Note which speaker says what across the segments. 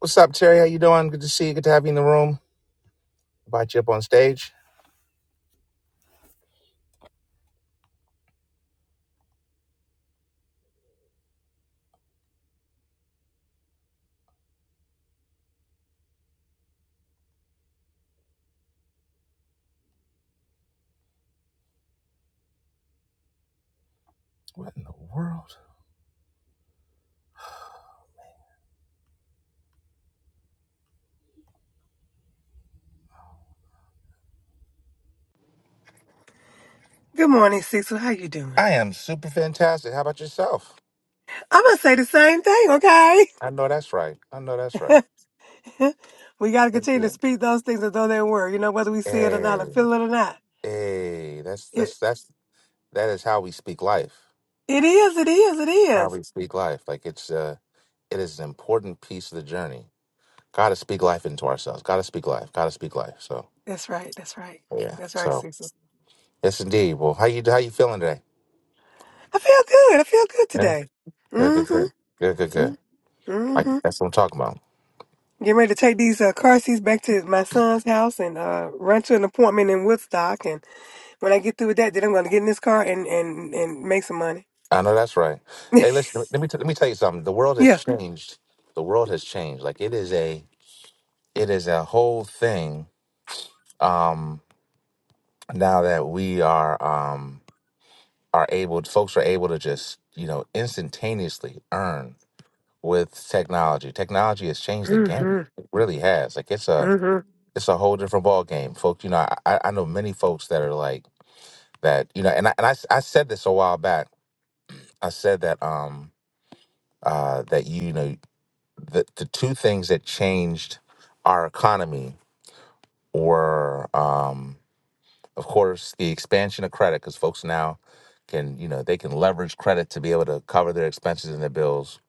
Speaker 1: What's up, Terry? How you doing? Good to see you. Good to have you in the room. Invite you up on stage. What in the world?
Speaker 2: Good morning, Cecil. How you doing?
Speaker 1: I am super fantastic. How about yourself?
Speaker 2: I'm gonna say the same thing,
Speaker 1: I know that's right. I know that's right.
Speaker 2: okay? we gotta
Speaker 1: Thank
Speaker 2: continue to
Speaker 1: you.
Speaker 2: speak those things as though they were. You know, whether we see it or not, or
Speaker 1: Hey,
Speaker 2: feel it or not.
Speaker 1: hey, that's
Speaker 2: It
Speaker 1: that's that's that is how we speak life.
Speaker 2: it is, it is, it
Speaker 1: How
Speaker 2: is.
Speaker 1: we speak life. Like it's uh it is an important piece of the journey. Gotta speak life into ourselves. Gotta speak life. Gotta speak life. So
Speaker 2: That's right, that's right.
Speaker 1: yeah.
Speaker 2: That's right,
Speaker 1: So
Speaker 2: Cecil.
Speaker 1: yes, indeed. Well, how you how you feeling today?
Speaker 2: I feel good. I feel good
Speaker 1: Yeah.
Speaker 2: today.
Speaker 1: Good. Good.
Speaker 2: Mm-hmm.
Speaker 1: Good. Good. Good. Good.
Speaker 2: Mm-hmm.
Speaker 1: Like
Speaker 2: mm-hmm.
Speaker 1: that's what I'm talking about.
Speaker 2: Getting ready to take these uh, car seats back to my son's house and uh, run to an appointment in Woodstock. And when I get through with that, then I'm gonna get in this car and and and make some money.
Speaker 1: I know that's right. Hey, listen. Let me t- let me tell you something. The world has
Speaker 2: Yeah.
Speaker 1: changed. The world has changed. Like it is a it is a whole thing. Um, now that we are um are able, folks are able to just you know instantaneously earn with technology. Technology has changed the game.
Speaker 2: Mm-hmm.
Speaker 1: It really has. Like it's a
Speaker 2: Mm-hmm.
Speaker 1: it's a whole different ball game, folks. You know, I, I I know many folks that are like that. You know, and I and I, s- I said this a while back. I said that um uh that you know the the two things that changed our economy were um of course the expansion of credit because folks now can you know they can leverage credit to be able to cover their expenses and their bills,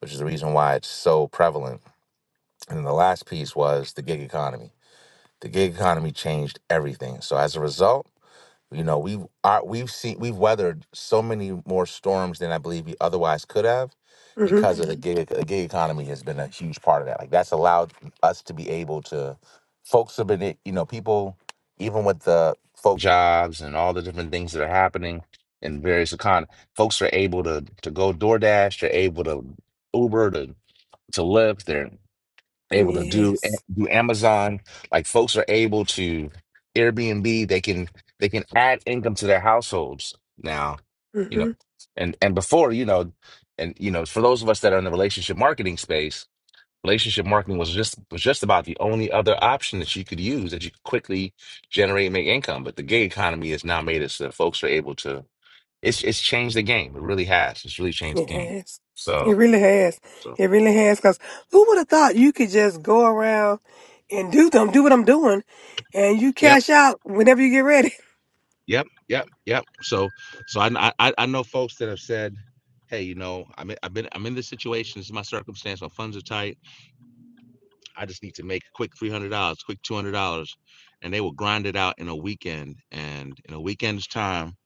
Speaker 1: which is the reason why it's so prevalent. And then the last piece was the gig economy. The gig economy changed everything. So as a result You know, we've our, we've seen we've weathered so many more storms than I believe we otherwise could have
Speaker 2: mm-hmm.
Speaker 1: because of the gig the gig economy has been a huge part of that. Like that's allowed us to be able to folks have been a- you know, people even with the folk jobs and all the different things that are happening in various econ folks are able to to go DoorDash, they're able to Uber to to Lyft, they're able to do
Speaker 2: Yes.
Speaker 1: do Amazon. Like folks are able to Airbnb. They can they can add income to their households now. You know,
Speaker 2: hmm
Speaker 1: and and before you know, and you know, for those of us that are in the relationship marketing space, relationship marketing was just was just about the only other option that you could use that you could quickly generate and make income. But the gig economy has now made it so that folks are able to. It's it's changed the game. It really has. It's really changed the
Speaker 2: It
Speaker 1: game.
Speaker 2: has. It
Speaker 1: So.
Speaker 2: really has.
Speaker 1: so
Speaker 2: It really has. Cause who would have thought you could just go around and do them, do what I'm doing, and you
Speaker 1: yeah.
Speaker 2: cash out whenever you get ready.
Speaker 1: Yep, yep, yep. So, so I, I, I I know folks that have said, "Hey, you know, I'm in, I've been I'm in this situation. This is my circumstance. My funds are tight. I just need to make a quick three hundred dollars, quick two hundred dollars," and they will grind it out in a weekend and in a weekend's time.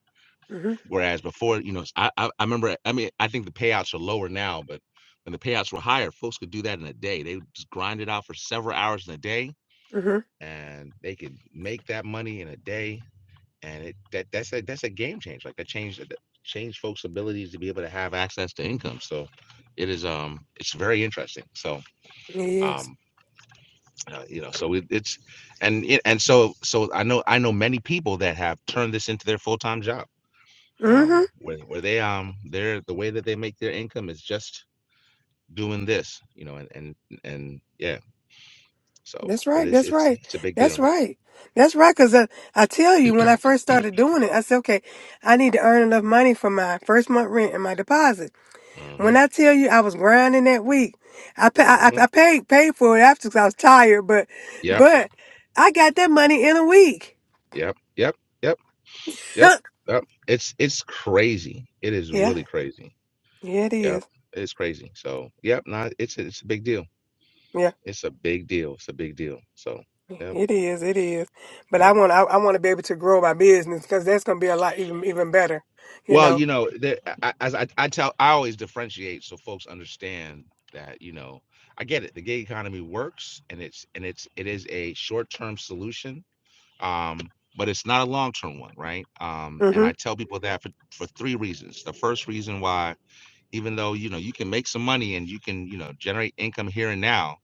Speaker 2: hmm
Speaker 1: Whereas before, you know, I, I I remember. I mean, I think the payouts are lower now, but when the payouts were higher, folks could do that in a day. They would just grind it out for several hours in a day,
Speaker 2: hmm
Speaker 1: and they could make that money in a day and it that that's a that's a game change. Like that changed that changed folks' abilities to be able to have access to income. So it is um it's very interesting. So
Speaker 2: Yes.
Speaker 1: um uh, you know so it, it's and it, and so so I know I know many people that have turned this into their full time job.
Speaker 2: hmm
Speaker 1: Um, where where they um they're the way that they make their income is just doing this. You know and and and yeah. So
Speaker 2: That's
Speaker 1: but
Speaker 2: right.
Speaker 1: it's
Speaker 2: That's
Speaker 1: it's
Speaker 2: right.
Speaker 1: it's a big
Speaker 2: That's
Speaker 1: deal.
Speaker 2: right. That's right. Cause I, I tell you, when I first started doing it, I said, okay, I need to earn enough money for my first month rent and my deposit.
Speaker 1: Uh huh.
Speaker 2: When I tell you I was grinding that week, I pa-
Speaker 1: Uh
Speaker 2: I,
Speaker 1: huh.
Speaker 2: I I paid paid for it after because I was tired, but
Speaker 1: Yep.
Speaker 2: but I got that money in a week.
Speaker 1: Yep. Yep. Yep. Yep.
Speaker 2: Huh.
Speaker 1: Yep. It's it's crazy. It is
Speaker 2: yeah,
Speaker 1: really crazy.
Speaker 2: yeah, it
Speaker 1: Yep.
Speaker 2: is.
Speaker 1: It's crazy. So yep, not it's a, it's a big deal.
Speaker 2: Yeah,
Speaker 1: It's a big deal. It's a big deal. So yep,
Speaker 2: it is. It is. But I
Speaker 1: yep.
Speaker 2: want I, I want to be able to grow my business because that's gonna be a lot even even better. You
Speaker 1: Well,
Speaker 2: know.
Speaker 1: you know, there, I, as I, I tell, I always differentiate so folks understand that you know, I get it. The gig economy works, and it's and it's it is a short term solution, um, but it's not a long term one, right? Um, and I
Speaker 2: Mhm.
Speaker 1: tell people that for for three reasons. The first reason why even though you know you can make some money and you can you know generate income here and now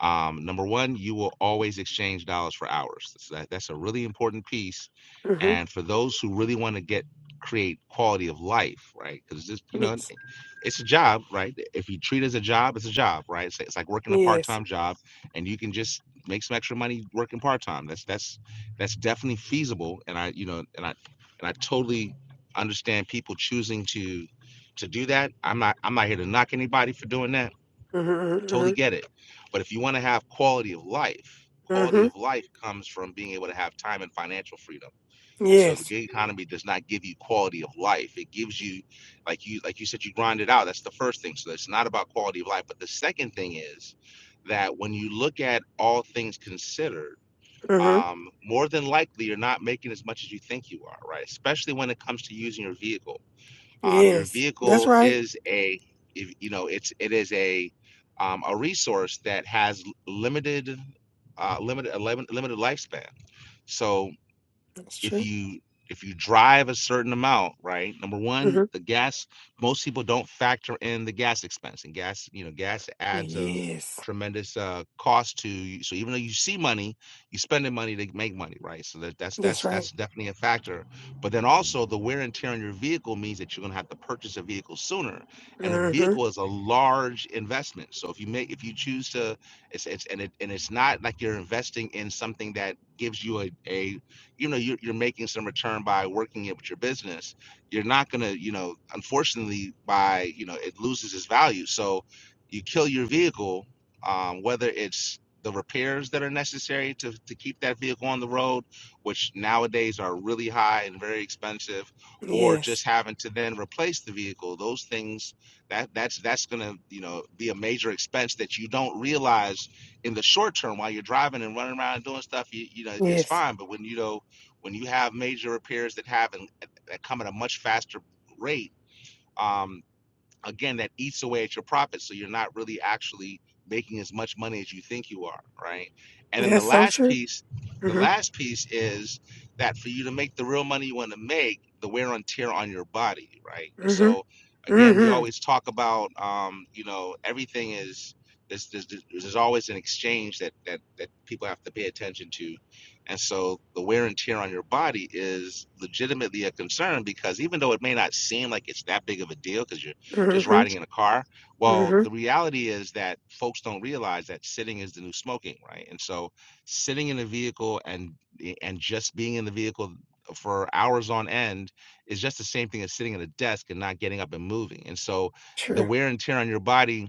Speaker 1: um, number one you will always exchange dollars for hours so that, that's a really important piece
Speaker 2: Mhm.
Speaker 1: and for those who really want to get create quality of life right because just you know
Speaker 2: Yes.
Speaker 1: it's a job, right? If you treat it as a job, it's a job, right? It's, it's like working a part
Speaker 2: Yes.
Speaker 1: time job, and you can just make some extra money working part time. That's that's that's definitely feasible, and I you know and I and I totally understand people choosing to to do that. I'm not I'm not here to knock anybody for doing that.
Speaker 2: Mhm.
Speaker 1: Totally
Speaker 2: Mhm.
Speaker 1: get it. But if you want to have quality of life,
Speaker 2: Mhm.
Speaker 1: quality
Speaker 2: mhm.
Speaker 1: of life comes from being able to have time and financial freedom and so the
Speaker 2: Yes.
Speaker 1: gig economy does not give you quality of life. It gives you, like you, like you said, you grind it out. That's the first thing. So it's not about quality of life. But the second thing is that when you look at all things considered,
Speaker 2: Mhm.
Speaker 1: um, more than likely you're not making as much as you think you are, right? Especially when it comes to using your vehicle. Um, your
Speaker 2: Yes. That's
Speaker 1: vehicle
Speaker 2: right.
Speaker 1: is a, you know, it's it is a um, a resource that has limited uh, limited limited lifespan. So
Speaker 2: That's
Speaker 1: if
Speaker 2: true.
Speaker 1: you if you drive a certain amount, right? Number one,
Speaker 2: Mhm.
Speaker 1: the gas. Most people don't factor in the gas expense, and gas, you know, gas adds a
Speaker 2: Yes.
Speaker 1: tremendous uh, cost to you. So even though you see money, you spending money to make money, right? So that, that's
Speaker 2: That's
Speaker 1: that's
Speaker 2: right.
Speaker 1: that's definitely a factor. But then also the wear and tear on your vehicle means that you're going to have to purchase a vehicle sooner, and a
Speaker 2: Mhm.
Speaker 1: vehicle is a large investment. So if you make if you choose to, it's it's and it and it's not like you're investing in something that gives you a a you know you're, you're making some return by working it with your business you're not going to you know unfortunately by you know it loses its value so you kill your vehicle um, whether it's the repairs that are necessary to, to keep that vehicle on the road which nowadays are really high and very expensive or
Speaker 2: Yes.
Speaker 1: just having to then replace the vehicle those things that that's that's going to you know be a major expense that you don't realize in the short term while you're driving and running around and doing stuff you, you know it's
Speaker 2: Yes,
Speaker 1: fine but when you know when you have major repairs that happen that come at a much faster rate, um, again that eats away at your profit so you're not really actually making as much money as you think you are right and then the
Speaker 2: that's so
Speaker 1: last
Speaker 2: true.
Speaker 1: piece the
Speaker 2: hmm
Speaker 1: last piece is that for you to make the real money you want to make the wear and tear on your body right and
Speaker 2: hmm
Speaker 1: so again we
Speaker 2: hmm
Speaker 1: always talk about um, you know everything is there's, there's, there's always an exchange that, that that people have to pay attention to and so the wear and tear on your body is legitimately a concern because even though it may not seem like it's that big of a deal because you're just
Speaker 2: hmm
Speaker 1: riding in a car. Well,
Speaker 2: hmm
Speaker 1: the reality is that folks don't realize that sitting is the new smoking, right? And so sitting in a vehicle and and just being in the vehicle for hours on end is just the same thing as sitting at a desk and not getting up and moving. And so the
Speaker 2: True.
Speaker 1: wear and tear on your body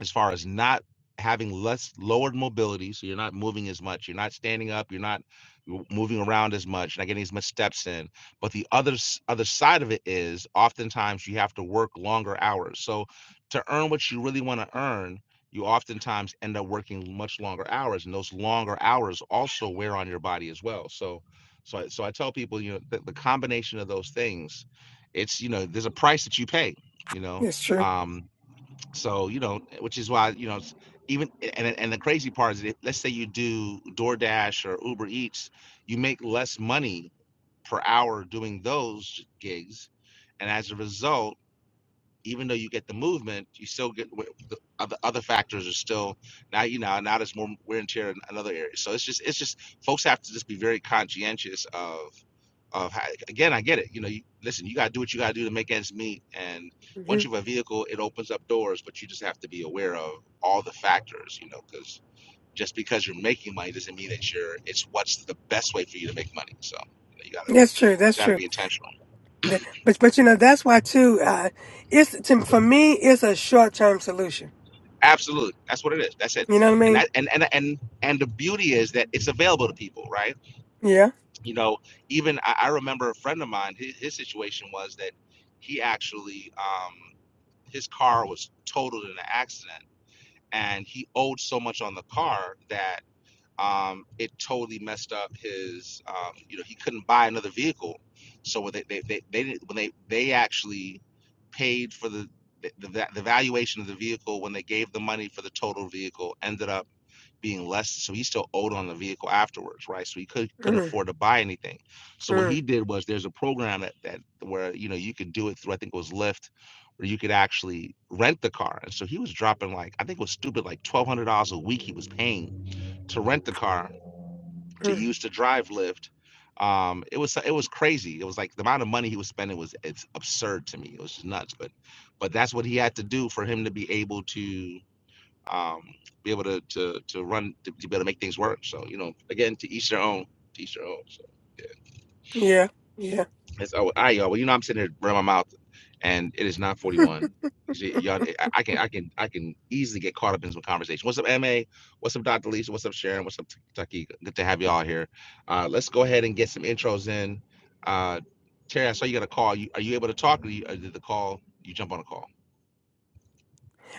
Speaker 1: as far as not having less lowered mobility so you're not moving as much you're not standing up you're not moving around as much not getting as much steps in but the other other side of it is oftentimes you have to work longer hours so to earn what you really want to earn you oftentimes end up working much longer hours and those longer hours also wear on your body as well so so I, so I tell people you know the, the combination of those things it's you know there's a price that you pay you know
Speaker 2: That's true.
Speaker 1: um so you know, which is why you know, even and and the crazy part is, that let's say you do DoorDash or Uber Eats, you make less money per hour doing those gigs, and as a result even though you get the movement, you still get the other other factors are still now you know now there's more wear and tear in another area. So it's just it's just folks have to just be very conscientious of of how, again I get it. You know, you, listen, you got to do what you got to do to make ends meet, and
Speaker 2: hmm
Speaker 1: once you have a vehicle, it opens up doors, but you just have to be aware of all the factors. You know, because just because you're making money doesn't mean that you're it's what's the best way for you to make money. So you, know, you gotta
Speaker 2: That's true. That's
Speaker 1: gotta
Speaker 2: true.
Speaker 1: be intentional.
Speaker 2: That- but but you know that's why too. Uh, it's to, for me. It's a short term solution.
Speaker 1: Absolutely. That's what it is. That's it.
Speaker 2: You know what I
Speaker 1: And
Speaker 2: mean?
Speaker 1: that and and and and the beauty is that it's available to people, right?
Speaker 2: Yeah.
Speaker 1: You know, even I, I remember a friend of mine, his, his situation was that he actually um his car was totaled in an accident and he owed so much on the car that um, it totally messed up his. Um, you know, he couldn't buy another vehicle. So when they they they, they didn't, when they they actually paid for the, the the valuation of the vehicle when they gave the money for the total vehicle ended up being less. So he still owed on the vehicle afterwards, right? So he could couldn't
Speaker 2: mm
Speaker 1: afford to buy anything. So what
Speaker 2: mm
Speaker 1: he did was there's a program that that where you know you could do it through I think it was Lyft. Where you could actually rent the car, and so he was dropping like I think it was stupid like twelve hundred dollars a week he was paying to rent the car, to
Speaker 2: mm.
Speaker 1: use to drive Lyft. Um, it was it was crazy. It was like the amount of money he was spending was it's absurd to me. It was just nuts. But but that's what he had to do for him to be able to um, be able to to to run to, to be able to make things work. So you know, again, to each their own. To each their own. So yeah.
Speaker 2: Yeah. Yeah.
Speaker 1: It's oh I oh, well, you know I'm sitting here running my mouth, and it is not
Speaker 2: Hmm.
Speaker 1: 41. Y'all, I I can I can I can easily get caught up in some conversation. What's up, Ma? What's up, Dr. Lisa? What's up, Sharon? What's up, Taki? Good to have y'all here. Uh, let's go ahead and get some intros in. Uh, Terry, I saw you got a call. You, are you able to talk? Or, you, or did the call? You jump on a call.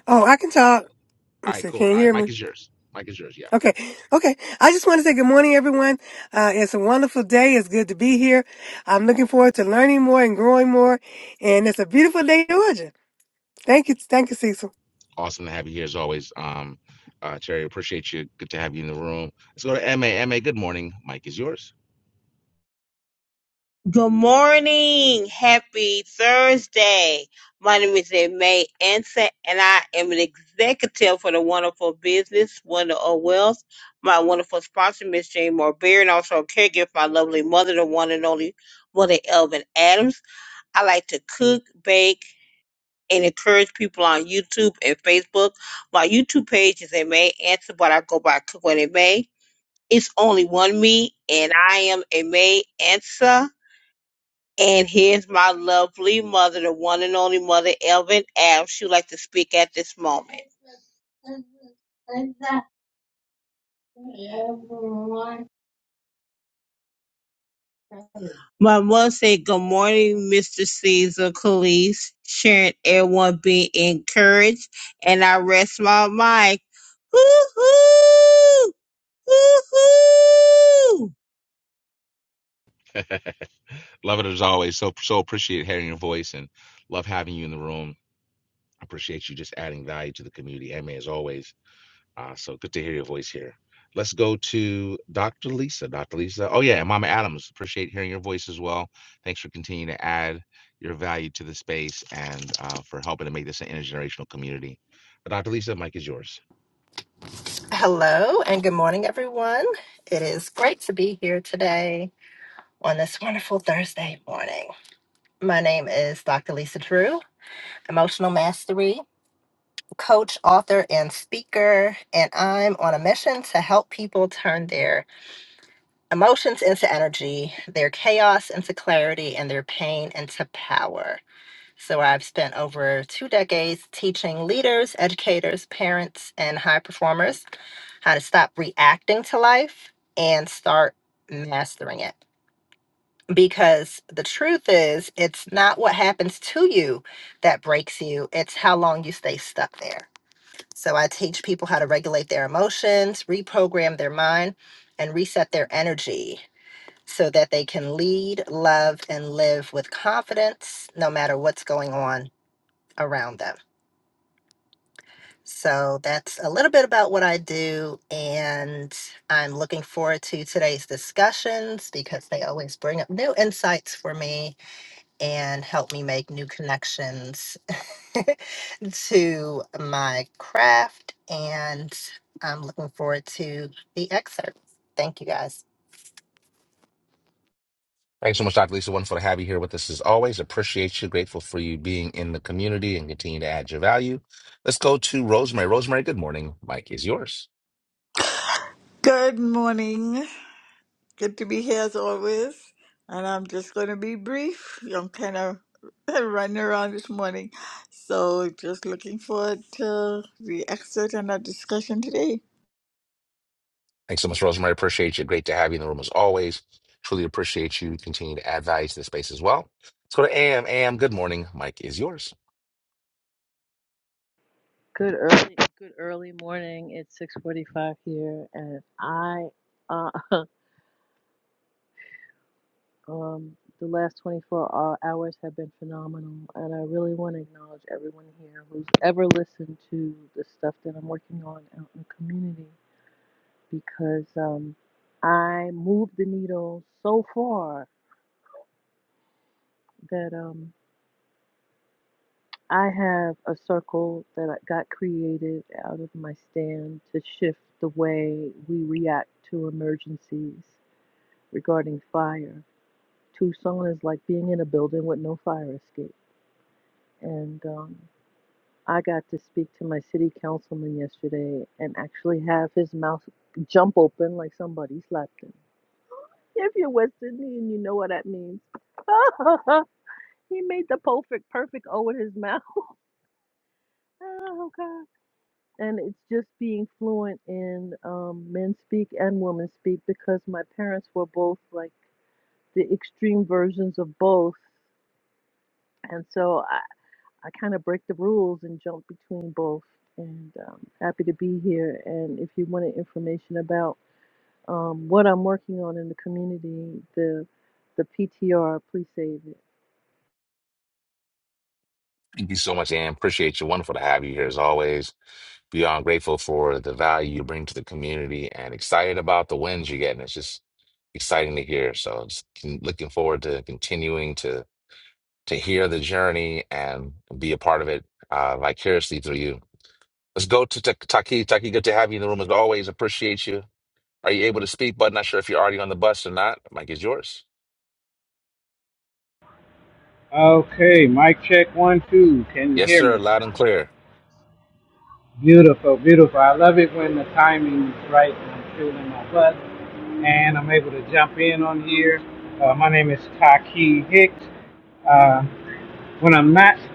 Speaker 2: Oh, I can talk.
Speaker 1: All
Speaker 2: Let's
Speaker 1: right,
Speaker 2: see,
Speaker 1: cool.
Speaker 2: can you
Speaker 1: All right,
Speaker 2: hear
Speaker 1: Mike
Speaker 2: me?
Speaker 1: is yours. Mike is yours. Yeah,
Speaker 2: Okay, okay. I just want to say good morning, everyone. Uh, it's a wonderful day. It's good to be here. I'm looking forward to learning more and growing more. And it's a beautiful day, in Georgia. Thank you, thank you, Cecil.
Speaker 1: awesome to have you here as always. Um, uh, Terry, appreciate you. Good to have you in the room. Let's go to Ma. Ma, good morning. Mike is yours.
Speaker 3: Good morning. Happy Thursday. My name is May Anson, and I am an executive for the Wonderful Business, Wonder of Wealth. My wonderful sponsor, Miss Jane Moore Beard, and also a caregiver for my lovely mother, the one and only Mother Elvin Adams. I like to cook, bake, and encourage people on YouTube and Facebook. My YouTube page is May Anson, but I go by Cook What It May. It's only one me, and I am a May Ansa. And here's my lovely mother, the one and only mother, Elvin Adams. She would like to speak at this moment. My mother said, Good morning, Mr. Caesar Calise, sharing everyone being encouraged. And I rest my mic. Hoo-hoo! Hoo-hoo!
Speaker 1: Love it as always. So so appreciate hearing your voice and love having you in the room. I appreciate you just adding value to the community, Emma, as always. Uh, so good to hear your voice here. Let's go to Dr. Lisa. Dr. Lisa. Oh yeah, and Mama Adams. Appreciate hearing your voice as well. Thanks for continuing to add your value to the space and uh, for helping to make this an intergenerational community. Dr. Lisa, the mic is yours.
Speaker 4: Hello and good morning, everyone. It is great to be here today on this wonderful Thursday morning. My name is Dr. Lisa Drew, emotional mastery coach, author, and speaker, and I'm on a mission to help people turn their emotions into energy, their chaos into clarity, and their pain into power. So I've spent over two decades teaching leaders, educators, parents, and high performers how to stop reacting to life and start mastering it. Because the truth is, it's not what happens to you that breaks you, it's how long you stay stuck there. So I teach people how to regulate their emotions, reprogram their mind, and reset their energy so that they can lead, love, and live with confidence no matter what's going on around them. So that's a little bit about what I do, and I'm looking forward to today's discussions because they always bring up new insights for me and help me make new connections to my craft. And I'm looking forward to the excerpt. Thank you guys.
Speaker 1: Thanks so much, Dr. Lisa. Wonderful to have you here with us as always. Appreciate you. Grateful for you being in the community and continue to add your value. Let's go to Rosemary. Rosemary, good morning. Mike is yours.
Speaker 5: Good morning. Good to be here as always. And I'm just going to be brief. I'm kind of running around this morning. So just looking forward to the excerpt and our discussion today.
Speaker 1: Thanks so much, Rosemary. Appreciate you. Great to have you in the room as always. Truly appreciate you. Continue to add value to the space as well. Let's go to AM. AM, good morning. Mike is yours.
Speaker 6: Good early, good early morning. It's 6:45 here, and I, uh, um, the last 24 hou- hours have been phenomenal, and I really want to acknowledge everyone here who's ever listened to the stuff that I'm working on out in the community because um, I moved the needle so far that um, I have a circle that I- got created out of my stand to shift the way we react to emergencies regarding fire. Tucson is like being in a building with no fire escape. And um, I got to speak to my city councilman yesterday and actually have his mouth jump open like somebody slapped him. If you're West Indian, you know what that means. he made the perfect perfect O with his mouth. Oh God. And it's just being fluent in um, men speak and women speak because my parents were both like the extreme versions of both. And so I kind of break the rules and jump between both. And um, happy to be here. And if you wanted information about um, what I'm working on in the community, the the PTR, please save it.
Speaker 1: Thank you so much, Ann. Appreciate you. Wonderful to have you here as always. Beyond grateful for the value you bring to the community and excited about the wins you're getting. It's just exciting to hear. So just can, looking forward to continuing to to hear the journey and be a part of it uh, vicariously through you. Let's go to Ta- Taki. Taki, good to have you in the room as always. Appreciate you. Are you able to speak? But not sure if you're already on the bus or not. Mike is yours.
Speaker 7: Okay, mic check one, two. Can you
Speaker 1: Yes,
Speaker 7: hear
Speaker 1: sir.
Speaker 7: me?
Speaker 1: Loud and clear.
Speaker 7: Beautiful, beautiful. I love it when the timing is right and I'm feeling my butt and I'm able to jump in on here. Uh, my name is Taki Hicks. Uh, when I'm not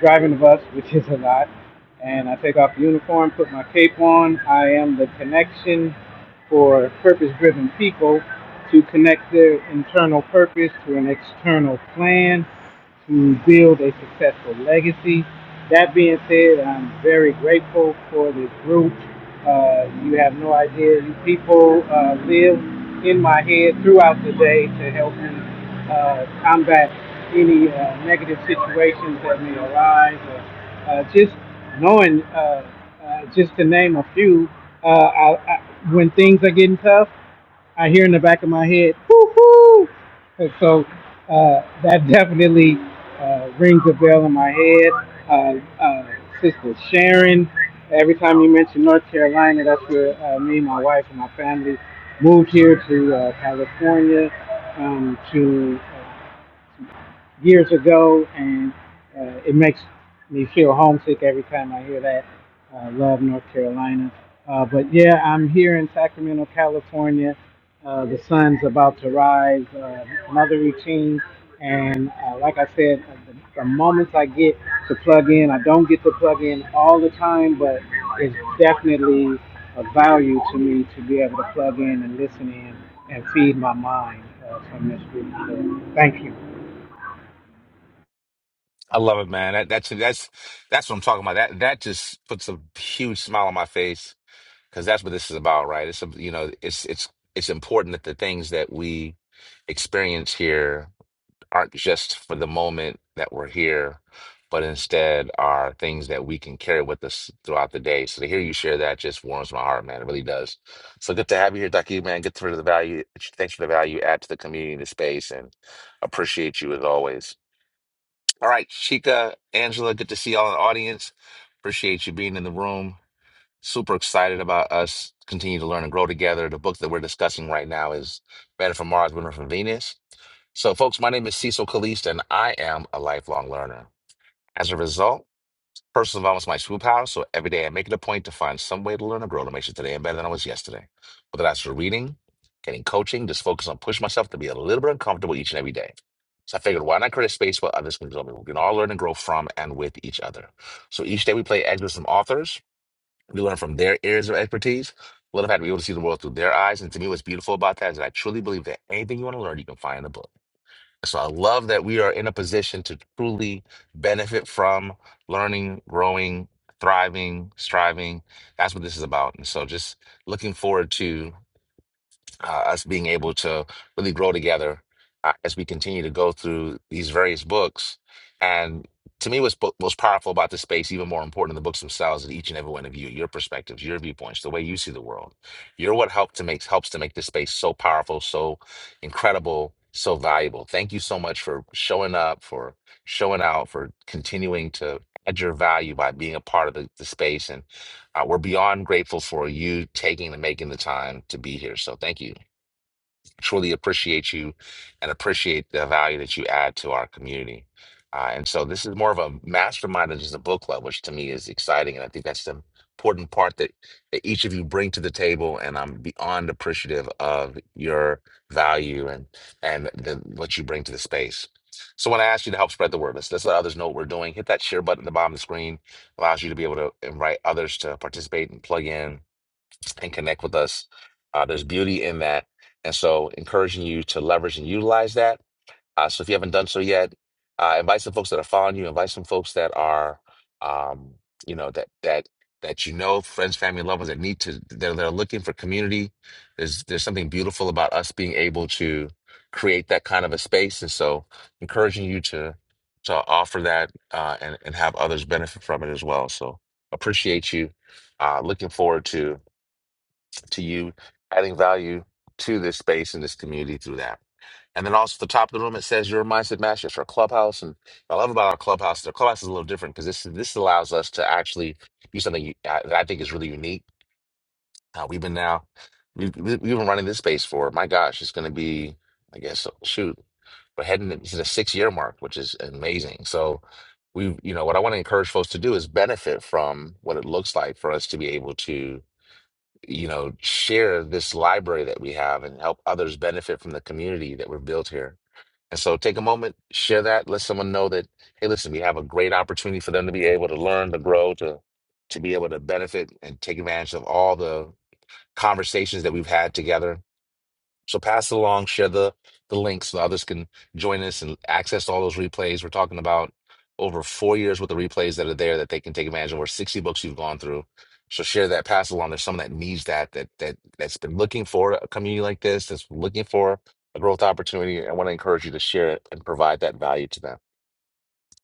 Speaker 7: driving the bus, which is a lot. And I take off the uniform, put my cape on. I am the connection for purpose driven people to connect their internal purpose to an external plan to build a successful legacy. That being said, I'm very grateful for this group. Uh, you have no idea. You people uh, live in my head throughout the day to help me uh, combat any uh, negative situations that may arise, or uh, just knowing, uh, uh, just to name a few, uh, I, I, when things are getting tough, I hear in the back of my head, whoo hoo, and so uh, that definitely uh, rings a bell in my head. Uh, uh, Sister Sharon, every time you mention North Carolina, that's where uh, me, my wife, and my family moved here to uh, California um, to years ago, and uh, it makes me feel homesick every time I hear that. I uh, love North Carolina. Uh, but yeah, I'm here in Sacramento, California. Uh, the sun's about to rise, uh, another routine. And uh, like I said, uh, the, the moments I get to plug in, I don't get to plug in all the time, but it's definitely a value to me to be able to plug in and listen in and feed my mind uh, from this group. So thank you.
Speaker 1: I love it, man. That, that's that's that's what I'm talking about. That that just puts a huge smile on my face because that's what this is about, right? It's a, you know, it's it's it's important that the things that we experience here aren't just for the moment that we're here, but instead are things that we can carry with us throughout the day. So to hear you share that just warms my heart, man. It really does. So good to have you here, Ducky, man. Good for the value. Thanks for the value you add to the community, the space, and appreciate you as always. All right, Chica, Angela, good to see y'all in the audience. Appreciate you being in the room. Super excited about us continue to learn and grow together. The book that we're discussing right now is Men Are from Mars, Women Are from Venus. So, folks, my name is Cecil Caliste, and I am a lifelong learner. As a result, Personal development is my superpower, so every day I make it a point to find some way to learn and grow to make sure today I'm better than I was yesterday. Whether that's through reading, getting coaching, just focus on pushing myself to be a little bit uncomfortable each and every day. So I figured, why not create a space where others can grow? We can all learn and grow from and with each other. So each day we play excerpts from authors. We learn from their areas of expertise. Love the fact to be able to see the world through their eyes. And to me, what's beautiful about that is that I truly believe that anything you want to learn, you can find in a book. So I love that we are in a position to truly benefit from learning, growing, thriving, striving. That's what this is about. And so just looking forward to uh, us being able to really grow together uh, as we continue to go through these various books. And to me, what's po- most powerful about this space, even more important than the books themselves, is each and every one of you, your perspectives, your viewpoints, the way you see the world. You're what helped to make helps to make this space so powerful, so incredible, so valuable. Thank you so much for showing up, for showing out, for continuing to add your value by being a part of the, the space. And uh, we're beyond grateful for you taking and making the time to be here. So thank you truly appreciate you and appreciate the value that you add to our community. Uh, and so this is more of a mastermind than just a book club, which to me is exciting. And I think that's the important part that, that each of you bring to the table. And I'm beyond appreciative of your value and and the, what you bring to the space. So when I ask you to help spread the word, let's, let's let others know what we're doing. Hit that share button at the bottom of the screen. Allows you to be able to invite others to participate and plug in and connect with us. Uh, there's beauty in that. And so, encouraging you to leverage and utilize that. Uh, so, if you haven't done so yet, uh, invite some folks that are following you, invite some folks that are, um, you know, that, that, that you know, friends, family, and loved ones that need to, that, that are looking for community. There's, there's something beautiful about us being able to create that kind of a space. And so, encouraging you to, to offer that uh, and, and have others benefit from it as well. So, appreciate you. Uh, looking forward to to you adding value to this space and this community through that. And then also at the top of the room, it says your mindset matters for clubhouse. And what I love about our clubhouse, the clubhouse is a little different because this this allows us to actually do something you- I- that I think is really unique. Uh, we've been now we've, we've been running this space for my gosh, it's going to be I guess oh, shoot, we're heading into the six year mark, which is amazing. So we, you know, what I want to encourage folks to do is benefit from what it looks like for us to be able to you know, share this library that we have and help others benefit from the community that we've built here. And so take a moment, share that, let someone know that, hey, listen, we have a great opportunity for them to be able to learn, to grow, to to be able to benefit and take advantage of all the conversations that we've had together so pass it along, share the the link so others can join us and access all those replays. We're talking about over four years with the replays that are there that they can take advantage of. Over 60 books you've gone through. So share that, pass it along. There's someone that needs that, that that that's been looking for a community like this, that's looking for a growth opportunity. I want to encourage you to share it and provide that value to them.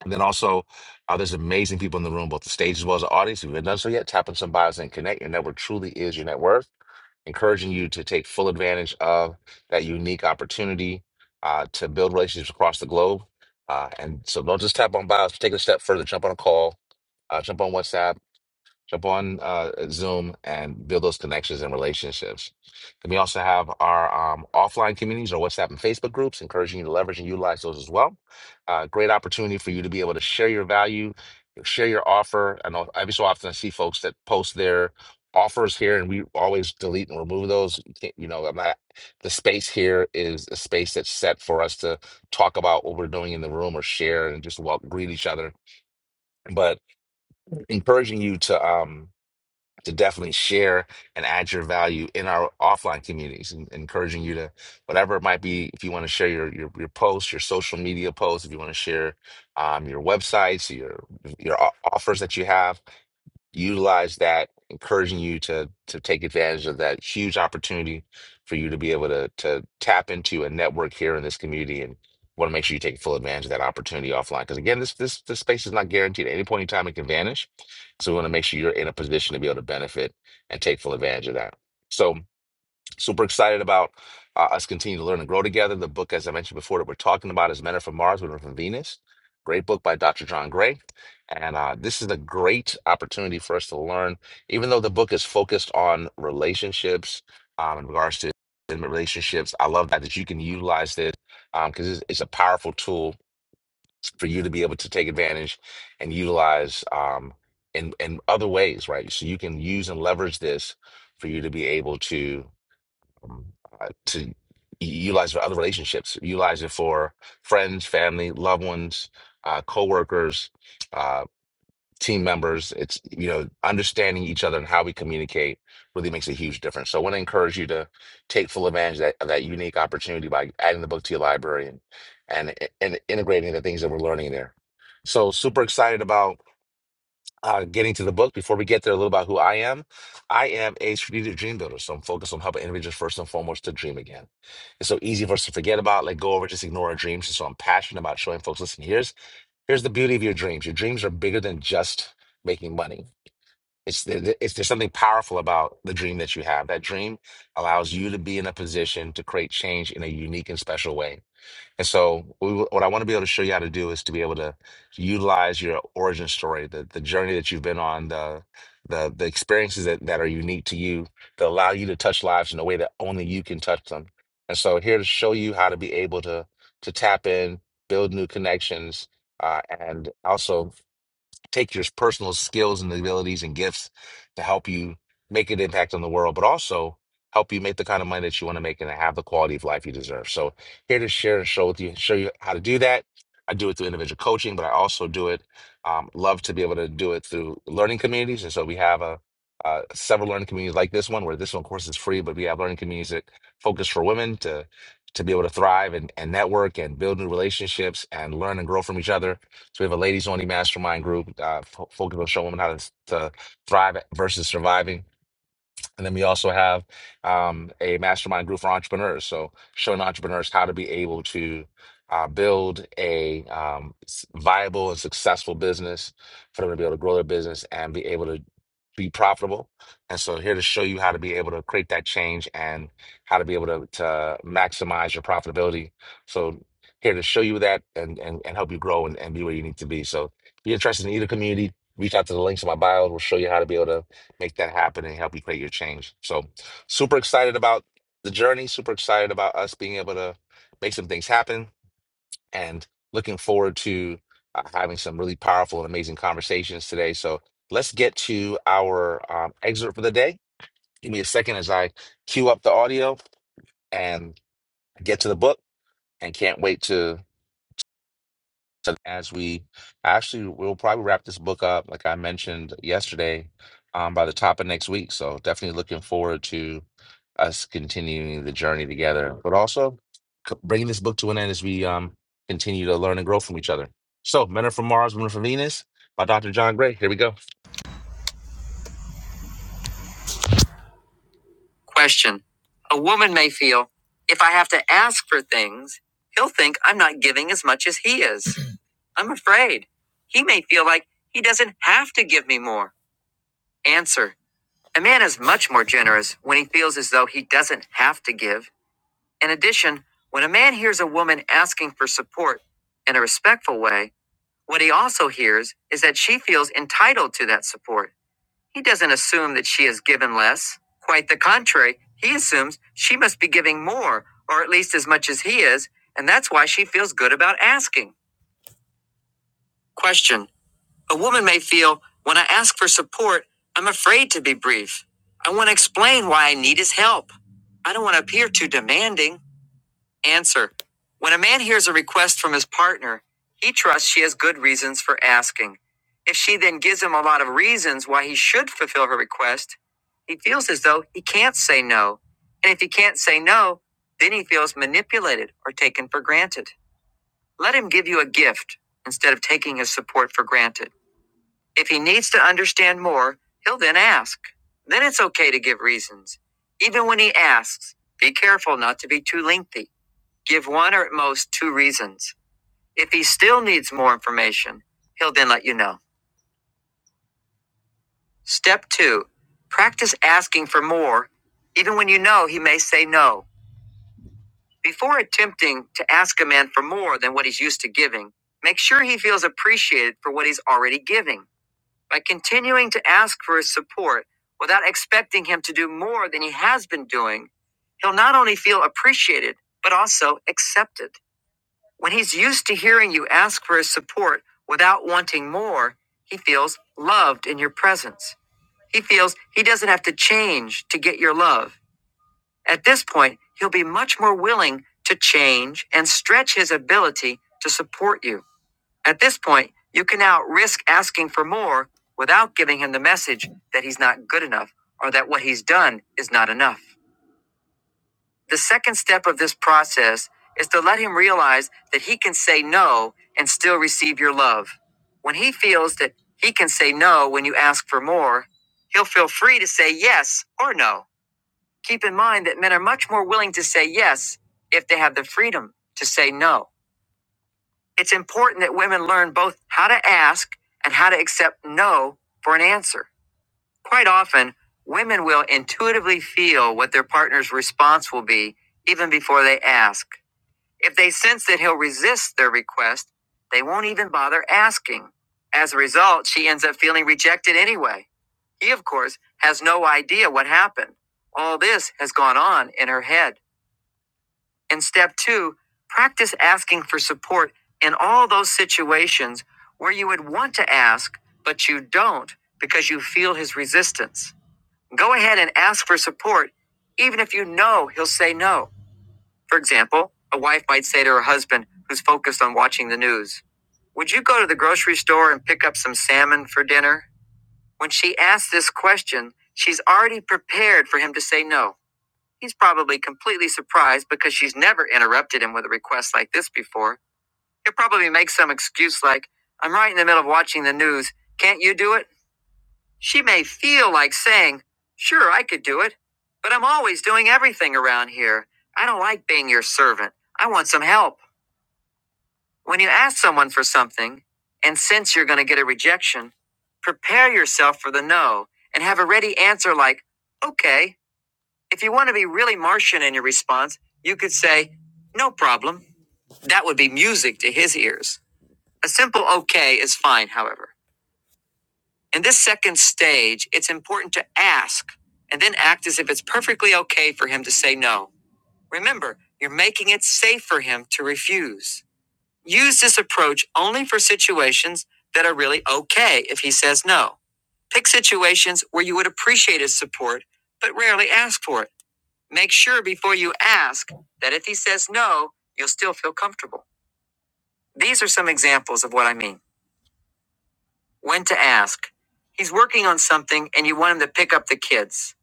Speaker 1: And then also, uh, there's amazing people in the room, both the stage as well as the audience. If you haven't done so yet, tap on some bios and connect. Your network truly is your net worth encouraging you to take full advantage of that unique opportunity uh, to build relationships across the globe. Uh, and so don't just tap on bios, take it a step further, jump on a call, uh, jump on WhatsApp jump on uh, Zoom and build those connections and relationships. And we also have our um, offline communities or WhatsApp and Facebook groups, encouraging you to leverage and utilize those as well. Uh, great opportunity for you to be able to share your value, share your offer. I know every so often I see folks that post their offers here and we always delete and remove those you, can't, you know i'm not the space here is a space that's set for us to talk about what we're doing in the room or share and just well greet each other but encouraging you to um to definitely share and add your value in our offline communities and encouraging you to whatever it might be if you want to share your your, your posts your social media posts if you want to share um, your websites your your o- offers that you have utilize that, encouraging you to to take advantage of that huge opportunity for you to be able to to tap into a network here in this community and want to make sure you take full advantage of that opportunity offline. Because again, this this this space is not guaranteed. At any point in time it can vanish. So we want to make sure you're in a position to be able to benefit and take full advantage of that. So Super excited about uh, us continuing to learn and grow together. The book, as I mentioned before, that we're talking about is Men Are From Mars, Women Are From Venus. Great book by Dr. John Gray. And uh, this is a great opportunity for us to learn, even though the book is focused on relationships um, in regards to intimate relationships. I love that, that you can utilize this because it's, it's a powerful tool for you to be able to take advantage and utilize um, in, in other ways, right? So you can use and leverage this for you to be able to um, uh, to utilize for other relationships, utilize it for friends, family, loved ones, uh, coworkers, uh, team members. It's, you know, understanding each other and how we communicate really makes a huge difference. So I want to encourage you to take full advantage of that, of that unique opportunity by adding the book to your library and, and, and integrating the things that we're learning there. So super excited about uh, getting to the book, before we get there, a little about who I am. I am a strategic dream builder, so I'm focused on helping individuals first and foremost to dream again. It's so easy for us to forget about, let go over, just ignore our dreams. And so I'm passionate about showing folks, listen, here's here's the beauty of your dreams. Your dreams are bigger than just making money. It's, there- it's there's something powerful about the dream that you have. That dream allows you to be in a position to create change in a unique and special way. And so, we, what I want to be able to show you how to do is to be able to utilize your origin story, the, the journey that you've been on, the the the experiences that, that are unique to you, that allow you to touch lives in a way that only you can touch them. And so, here to show you how to be able to to tap in, build new connections, uh, and also take your personal skills and abilities and gifts to help you make an impact on the world, but also help you make the kind of money that you want to make and have the quality of life you deserve. So here to share and show with you, show you how to do that. I do it through individual coaching, but I also do it. Um, love to be able to do it through learning communities, and so we have a uh, several learning communities like this one, where this one, of course, is free, but we have learning communities that focus for women to to be able to thrive and, and network and build new relationships and learn and grow from each other so we have a ladies only mastermind group uh, fo- focused on showing women how to, to thrive versus surviving. And then we also have um, a mastermind group for entrepreneurs. So showing entrepreneurs how to be able to uh, build a um, s- viable and successful business for them to be able to grow their business and be able to be profitable. And so here to show you how to be able to create that change and how to be able to, to maximize your profitability. So here to show you that and, and, and help you grow and, and be where you need to be. So if you're interested in either community, reach out to the links in my bio. We'll show you how to be able to make that happen and help you create your change. So super excited about the journey, super excited about us being able to make some things happen and looking forward to uh, having some really powerful and amazing conversations today. So let's get to our um, excerpt for the day. Give me a second as I cue up the audio and get to the book and can't wait to So as we actually, we'll probably wrap this book up, like I mentioned yesterday, um, by the top of next week. So definitely looking forward to us continuing the journey together, but also c- bringing this book to an end as we um, continue to learn and grow from each other. So, Men Are From Mars, Women Are From Venus by Dr. John Gray. Here we go. Question A woman may feel, if I have to ask for things, he'll think I'm not giving as much as he is. I'm afraid. He may feel like he doesn't have to give me more. Answer. A man is much more generous when he feels as though he doesn't have to give. In addition, when a man hears a woman asking for support in a respectful way, what he also hears is that she feels entitled to that support. He doesn't assume that she has given less. Quite the contrary, he assumes she must be giving more, or at least as much as he is, and that's why she feels good about asking. Question A woman may feel, when I ask for support, I'm afraid to be brief. I want to explain why I need his help. I don't want to appear too demanding. Answer. When a man hears a request from his partner, he trusts she has good reasons for asking. If she then gives him a lot of reasons why he should fulfill her request, he feels as though he can't say no. And if he can't say no, then he feels manipulated or taken for granted. Let him give you a gift instead of taking his support for granted. If he needs to understand more, he'll then ask. Then it's okay to give reasons. Even when he asks, be careful not to be too lengthy. Give one or at most two reasons. If he still needs more information, he'll then let you know. Step two, practice asking for more, even when you know he may say no. Before attempting to ask a man for more than what he's used to giving, make sure he feels appreciated for what he's already giving. By continuing to ask for his support without expecting him to do more than he has been doing, he'll not only feel appreciated, but also accepted. When he's used to hearing you ask for his support without wanting more, he feels loved in your presence. He feels he doesn't have to change to get your love. At this point, he'll be much more willing to change and stretch his ability to support you. At this point, you can now risk asking for more without giving him the message that he's not good enough or that what he's done is not enough. The second step of this process is to let him realize that he can say no and still receive your love. When he feels that he can say no when you ask for more, he'll feel free to say yes or no. Keep in mind that men are much more willing to say yes if they have the freedom to say no. It's important that women learn both how to ask and how to accept no for an answer. Quite often, women will intuitively feel what their partner's response will be even before they ask. If they sense that he'll resist their request, they won't even bother asking. As a result, she ends up feeling rejected anyway. He, of course, has no idea what happened. All this has gone on in her head. And step two, practice asking for support in all those situations where you would want to ask, but you don't because you feel his resistance. Go ahead and ask for support, even if you know he'll say no. For example, a wife might say to her husband who's focused on watching the news, Would you go to the grocery store and pick up some salmon for dinner? When she asks this question, she's already prepared for him to say no. He's probably completely surprised because she's never interrupted him with a request like this before. He'll probably make some excuse like, I'm right in the middle of watching the news. Can't you do it? She may feel like saying, Sure, I could do it, but I'm always doing everything around here. I don't like being your servant. I want some help. When you ask someone for something and sense you're going to get a rejection, prepare yourself for the no and have a ready answer like, Okay. If you want to be really Martian in your response, you could say, No problem. That would be music to his ears. A simple okay is fine, however. In this second stage, it's important to ask and then act as if it's perfectly okay for him to say no. Remember, you're making it safe for him to refuse. Use this approach only for situations that are really okay if he says no. Pick situations where you would appreciate his support, but rarely ask for it. Make sure before you ask that if he says no, you'll still feel comfortable. These are some examples of what I mean. When to ask. He's working on something and you want him to pick up the kids.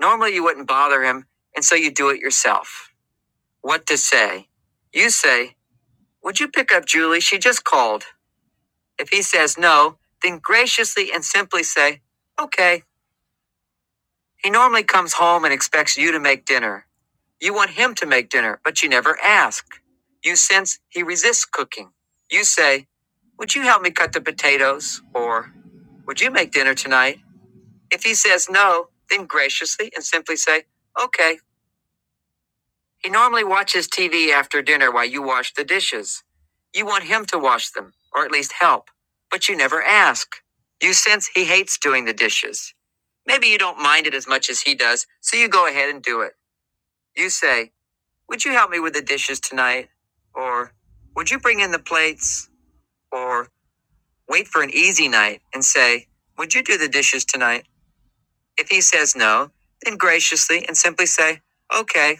Speaker 1: Normally you wouldn't bother him, and so you do it yourself. What to say. You say, Would you pick up Julie? She just called. If he says no, then graciously and simply say, Okay. He normally comes home and expects you to make dinner. You want him to make dinner, but you never ask. You sense he resists cooking. You say, Would you help me cut the potatoes? Or, Would you make dinner tonight? If he says no, then graciously and simply say, Okay. He normally watches TV after dinner while you wash the dishes. You want him to wash them, or at least help, but you never ask. You sense he hates doing the dishes. Maybe you don't mind it as much as he does, so you go ahead and do it. You say, Would you help me with the dishes tonight? Or would you bring in the plates? Or wait for an easy night and say, Would you do the dishes tonight? If he says no, then graciously and simply say, Okay.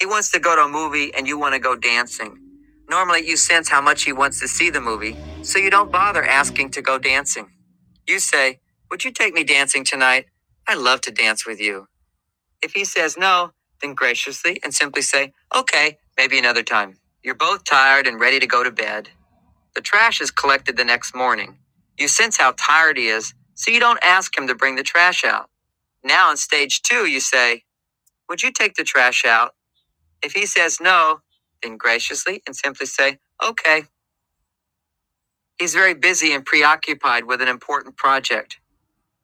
Speaker 1: He wants to go to a movie and you want to go dancing. Normally, you sense how much he wants to see the movie, so you don't bother asking to go dancing. You say, Would you take me dancing tonight? I love to dance with you. If he says no, then graciously and simply say, okay, maybe another time. You're both tired and ready to go to bed. The trash is collected the next morning. You sense how tired he is, so you don't ask him to bring the trash out. Now in stage two, you say, would you take the trash out? If he says no, then graciously and simply say, okay. He's very busy and preoccupied with an important project.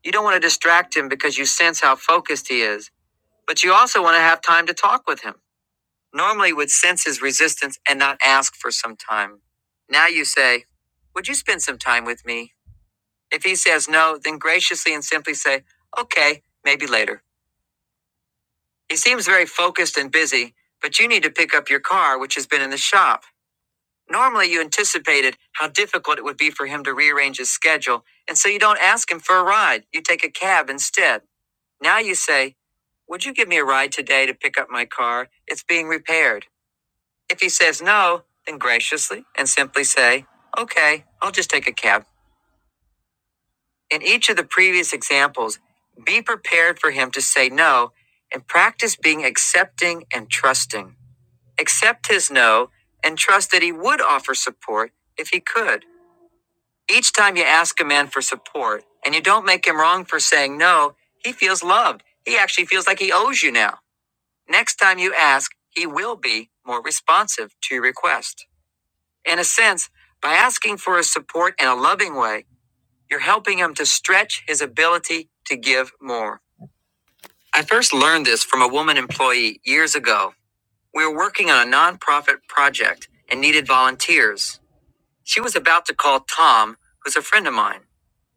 Speaker 1: You don't want to distract him because you sense how focused he is, but you also want to have time to talk with him. normally would sense his resistance and not ask for some time. Now you say, Would you spend some time with me? If he says no, then graciously and simply say, Okay, maybe later. He seems very focused and busy, but you need to pick up your car, which has been in the shop. Normally, you anticipated how difficult it would be for him to rearrange his schedule, and so you don't ask him for a ride. You take a cab instead. Now you say, Would you give me a ride today to pick up my car? It's being repaired. If he says no, then graciously and simply say, okay, I'll just take a cab. In each of the previous examples, be prepared for him to say no and practice being accepting and trusting. Accept his no and trust that he would offer support if he could. Each time you ask a man for support and you don't make him wrong for saying no, he feels loved. He actually feels like he owes you now. Next time you ask, he will be more responsive to your request. In a sense, by asking for his support in a loving way, you're helping him to stretch his ability to give more. I first learned this from a woman employee years ago. We were working on a nonprofit project and needed volunteers. She was about to call Tom, who's a friend of mine.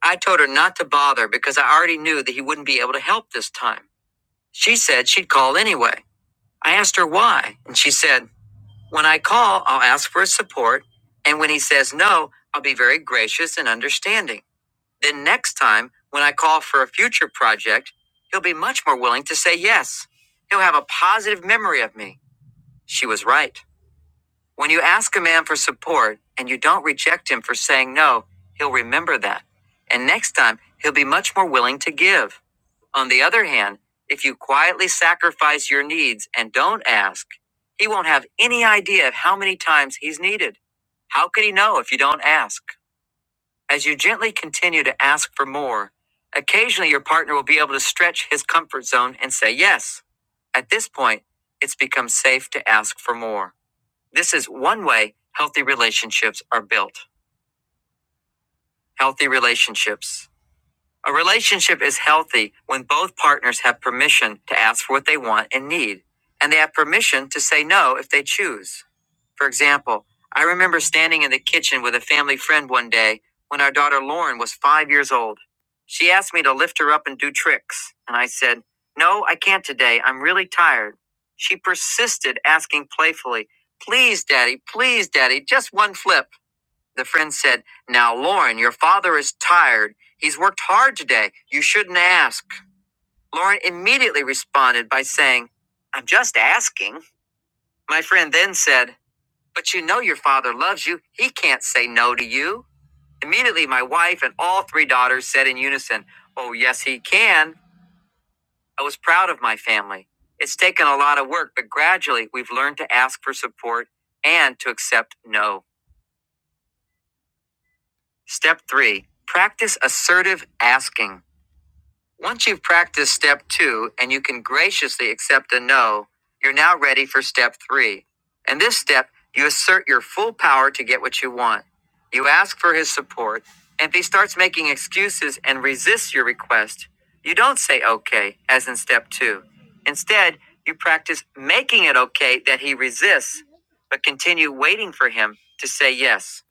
Speaker 1: I told her not to bother because I already knew that he wouldn't be able to help this time. She said she'd call anyway. I asked her why, and she said, When I call, I'll ask for his support, and when he says no, I'll be very gracious and understanding. Then next time, when I call for a future project, he'll be much more willing to say yes. He'll have a positive memory of me. She was right. When you ask a man for support and you don't reject him for saying no, he'll remember that. And next time, he'll be much more willing to give. On the other hand, if you quietly sacrifice your needs and don't ask, he won't have any idea of how many times he's needed. How could he know if you don't ask? As you gently continue to ask for more, occasionally your partner will be able to stretch his comfort zone and say yes. At this point, it's become safe to ask for more. This is one way healthy relationships are built. Healthy relationships. A relationship is healthy when both partners have permission to ask for what they want and need, and they have permission to say no if they choose. For example, I remember standing in the kitchen with a family friend one day when our daughter Lauren was five years old. She asked me to lift her up and do tricks, and I said, No, I can't today. I'm really tired. She persisted, asking playfully, Please, Daddy, please, Daddy, just one flip. The friend said, Now, Lauren, your father is tired. He's worked hard today. You shouldn't ask. Lauren immediately responded by saying, I'm just asking. My friend then said, But you know your father loves you. He can't say no to you. Immediately, my wife and all three daughters said in unison, Oh, yes, he can. I was proud of my family. It's taken a lot of work, but gradually we've learned to ask for support and to accept no. Step three practice assertive asking. Once you've practiced step two and you can graciously accept a no, you're now ready for step three. In this step, you assert your full power to get what you want. You ask for his support, and if he starts making excuses and resists your request, you don't say okay, as in step two. Instead, you practice making it okay that he resists, but continue waiting for him to say yes.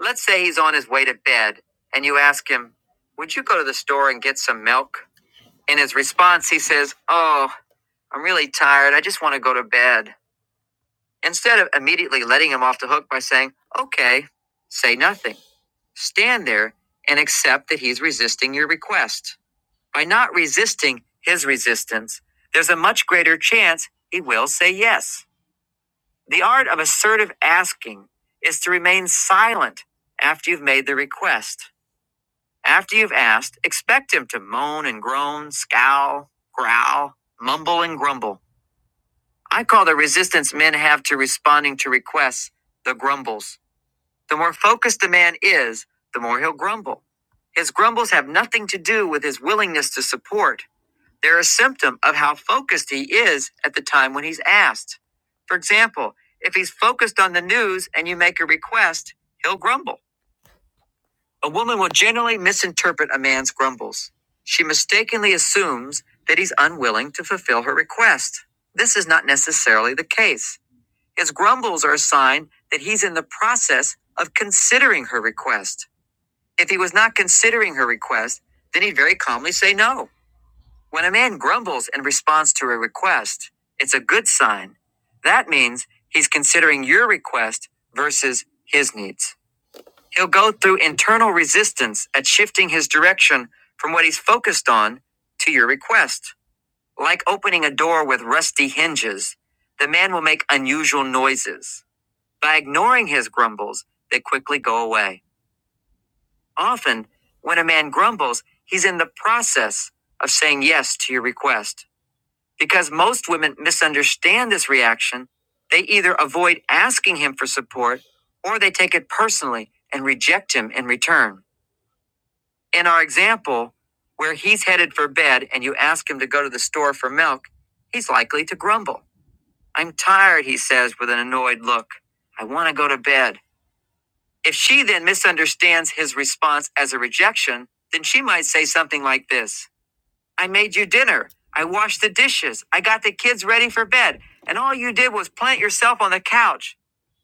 Speaker 1: Let's say he's on his way to bed, and you ask him, Would you go to the store and get some milk? In his response, he says, Oh, I'm really tired. I just want to go to bed. Instead of immediately letting him off the hook by saying, Okay, say nothing, stand there and accept that he's resisting your request. By not resisting his resistance, there's a much greater chance he will say yes. The art of assertive asking is to remain silent after you've made the request. After you've asked, expect him to moan and groan, scowl, growl, mumble and grumble. I call the resistance men have to responding to requests the grumbles. The more focused a man is, the more he'll grumble. His grumbles have nothing to do with his willingness to support. They're a symptom of how focused he is at the time when he's asked. For example, if he's focused on the news and you make a request, he'll grumble. A woman will generally misinterpret a man's grumbles. She mistakenly assumes that he's unwilling to fulfill her request. This is not necessarily the case. His grumbles are a sign that he's in the process of considering her request. If he was not considering her request, then he'd very calmly say no. When a man grumbles in response to a request, it's a good sign. That means he's considering your request versus his needs. He'll go through internal resistance at shifting his direction from what he's focused on to your request. Like opening a door with rusty hinges, the man will make unusual noises by ignoring his grumbles, they quickly go away. Often, when a man grumbles, he's in the process of saying yes to your request. Because most women misunderstand this reaction, they either avoid asking him for support or they take it personally and reject him in return. In our example, where he's headed for bed and you ask him to go to the store for milk, he's likely to grumble. I'm tired, he says with an annoyed look. I want to go to bed. If she then misunderstands his response as a rejection, then she might say something like this I made you dinner. I washed the dishes. I got the kids ready for bed. And all you did was plant yourself on the couch.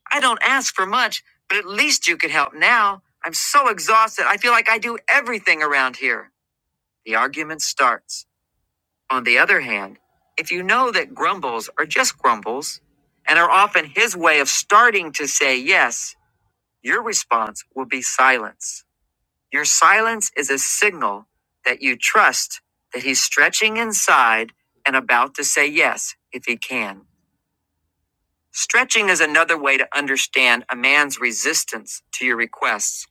Speaker 1: I don't ask for much, but at least you could help now. I'm so exhausted. I feel like I do everything around here. The argument starts. On the other hand, if you know that grumbles are just grumbles and are often his way of starting to say yes, your response will be silence. Your silence is a signal that you trust that he's stretching inside and about to say yes if he can. Stretching is another way to understand a man's resistance to your requests.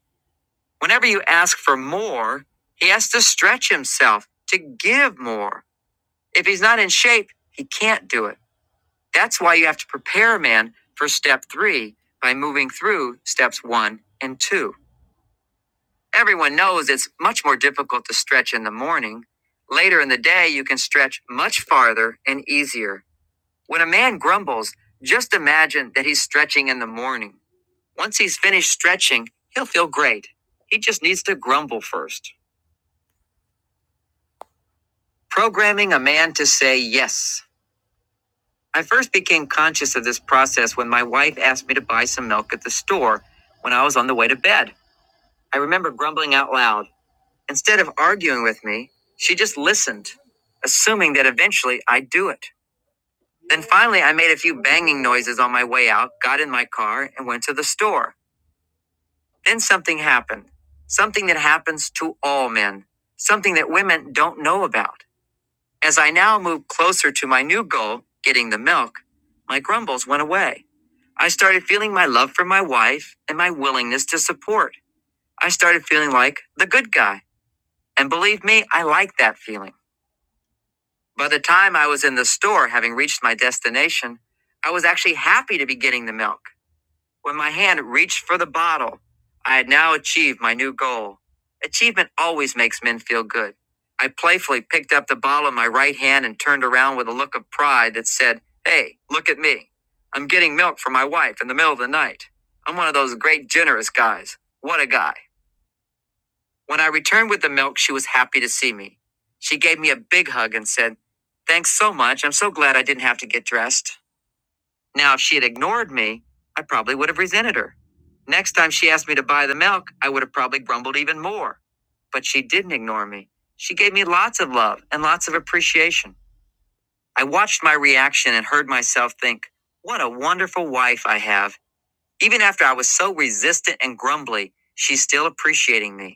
Speaker 1: Whenever you ask for more, he has to stretch himself to give more. If he's not in shape, he can't do it. That's why you have to prepare a man for step three by moving through steps one and two. Everyone knows it's much more difficult to stretch in the morning. Later in the day, you can stretch much farther and easier. When a man grumbles, just imagine that he's stretching in the morning. Once he's finished stretching, he'll feel great. He just needs to grumble first. Programming a man to say yes. I first became conscious of this process when my wife asked me to buy some milk at the store when I was on the way to bed. I remember grumbling out loud. Instead of arguing with me, she just listened, assuming that eventually I'd do it. Then finally, I made a few banging noises on my way out, got in my car, and went to the store. Then something happened. Something that happens to all men. Something that women don't know about. As I now moved closer to my new goal, getting the milk, my grumbles went away. I started feeling my love for my wife and my willingness to support. I started feeling like the good guy. And believe me, I like that feeling. By the time I was in the store, having reached my destination, I was actually happy to be getting the milk. When my hand reached for the bottle, I had now achieved my new goal. Achievement always makes men feel good. I playfully picked up the bottle in my right hand and turned around with a look of pride that said, Hey, look at me. I'm getting milk for my wife in the middle of the night. I'm one of those great, generous guys. What a guy. When I returned with the milk, she was happy to see me. She gave me a big hug and said, Thanks so much. I'm so glad I didn't have to get dressed. Now, if she had ignored me, I probably would have resented her. Next time she asked me to buy the milk, I would have probably grumbled even more. But she didn't ignore me. She gave me lots of love and lots of appreciation. I watched my reaction and heard myself think, What a wonderful wife I have. Even after I was so resistant and grumbly, she's still appreciating me.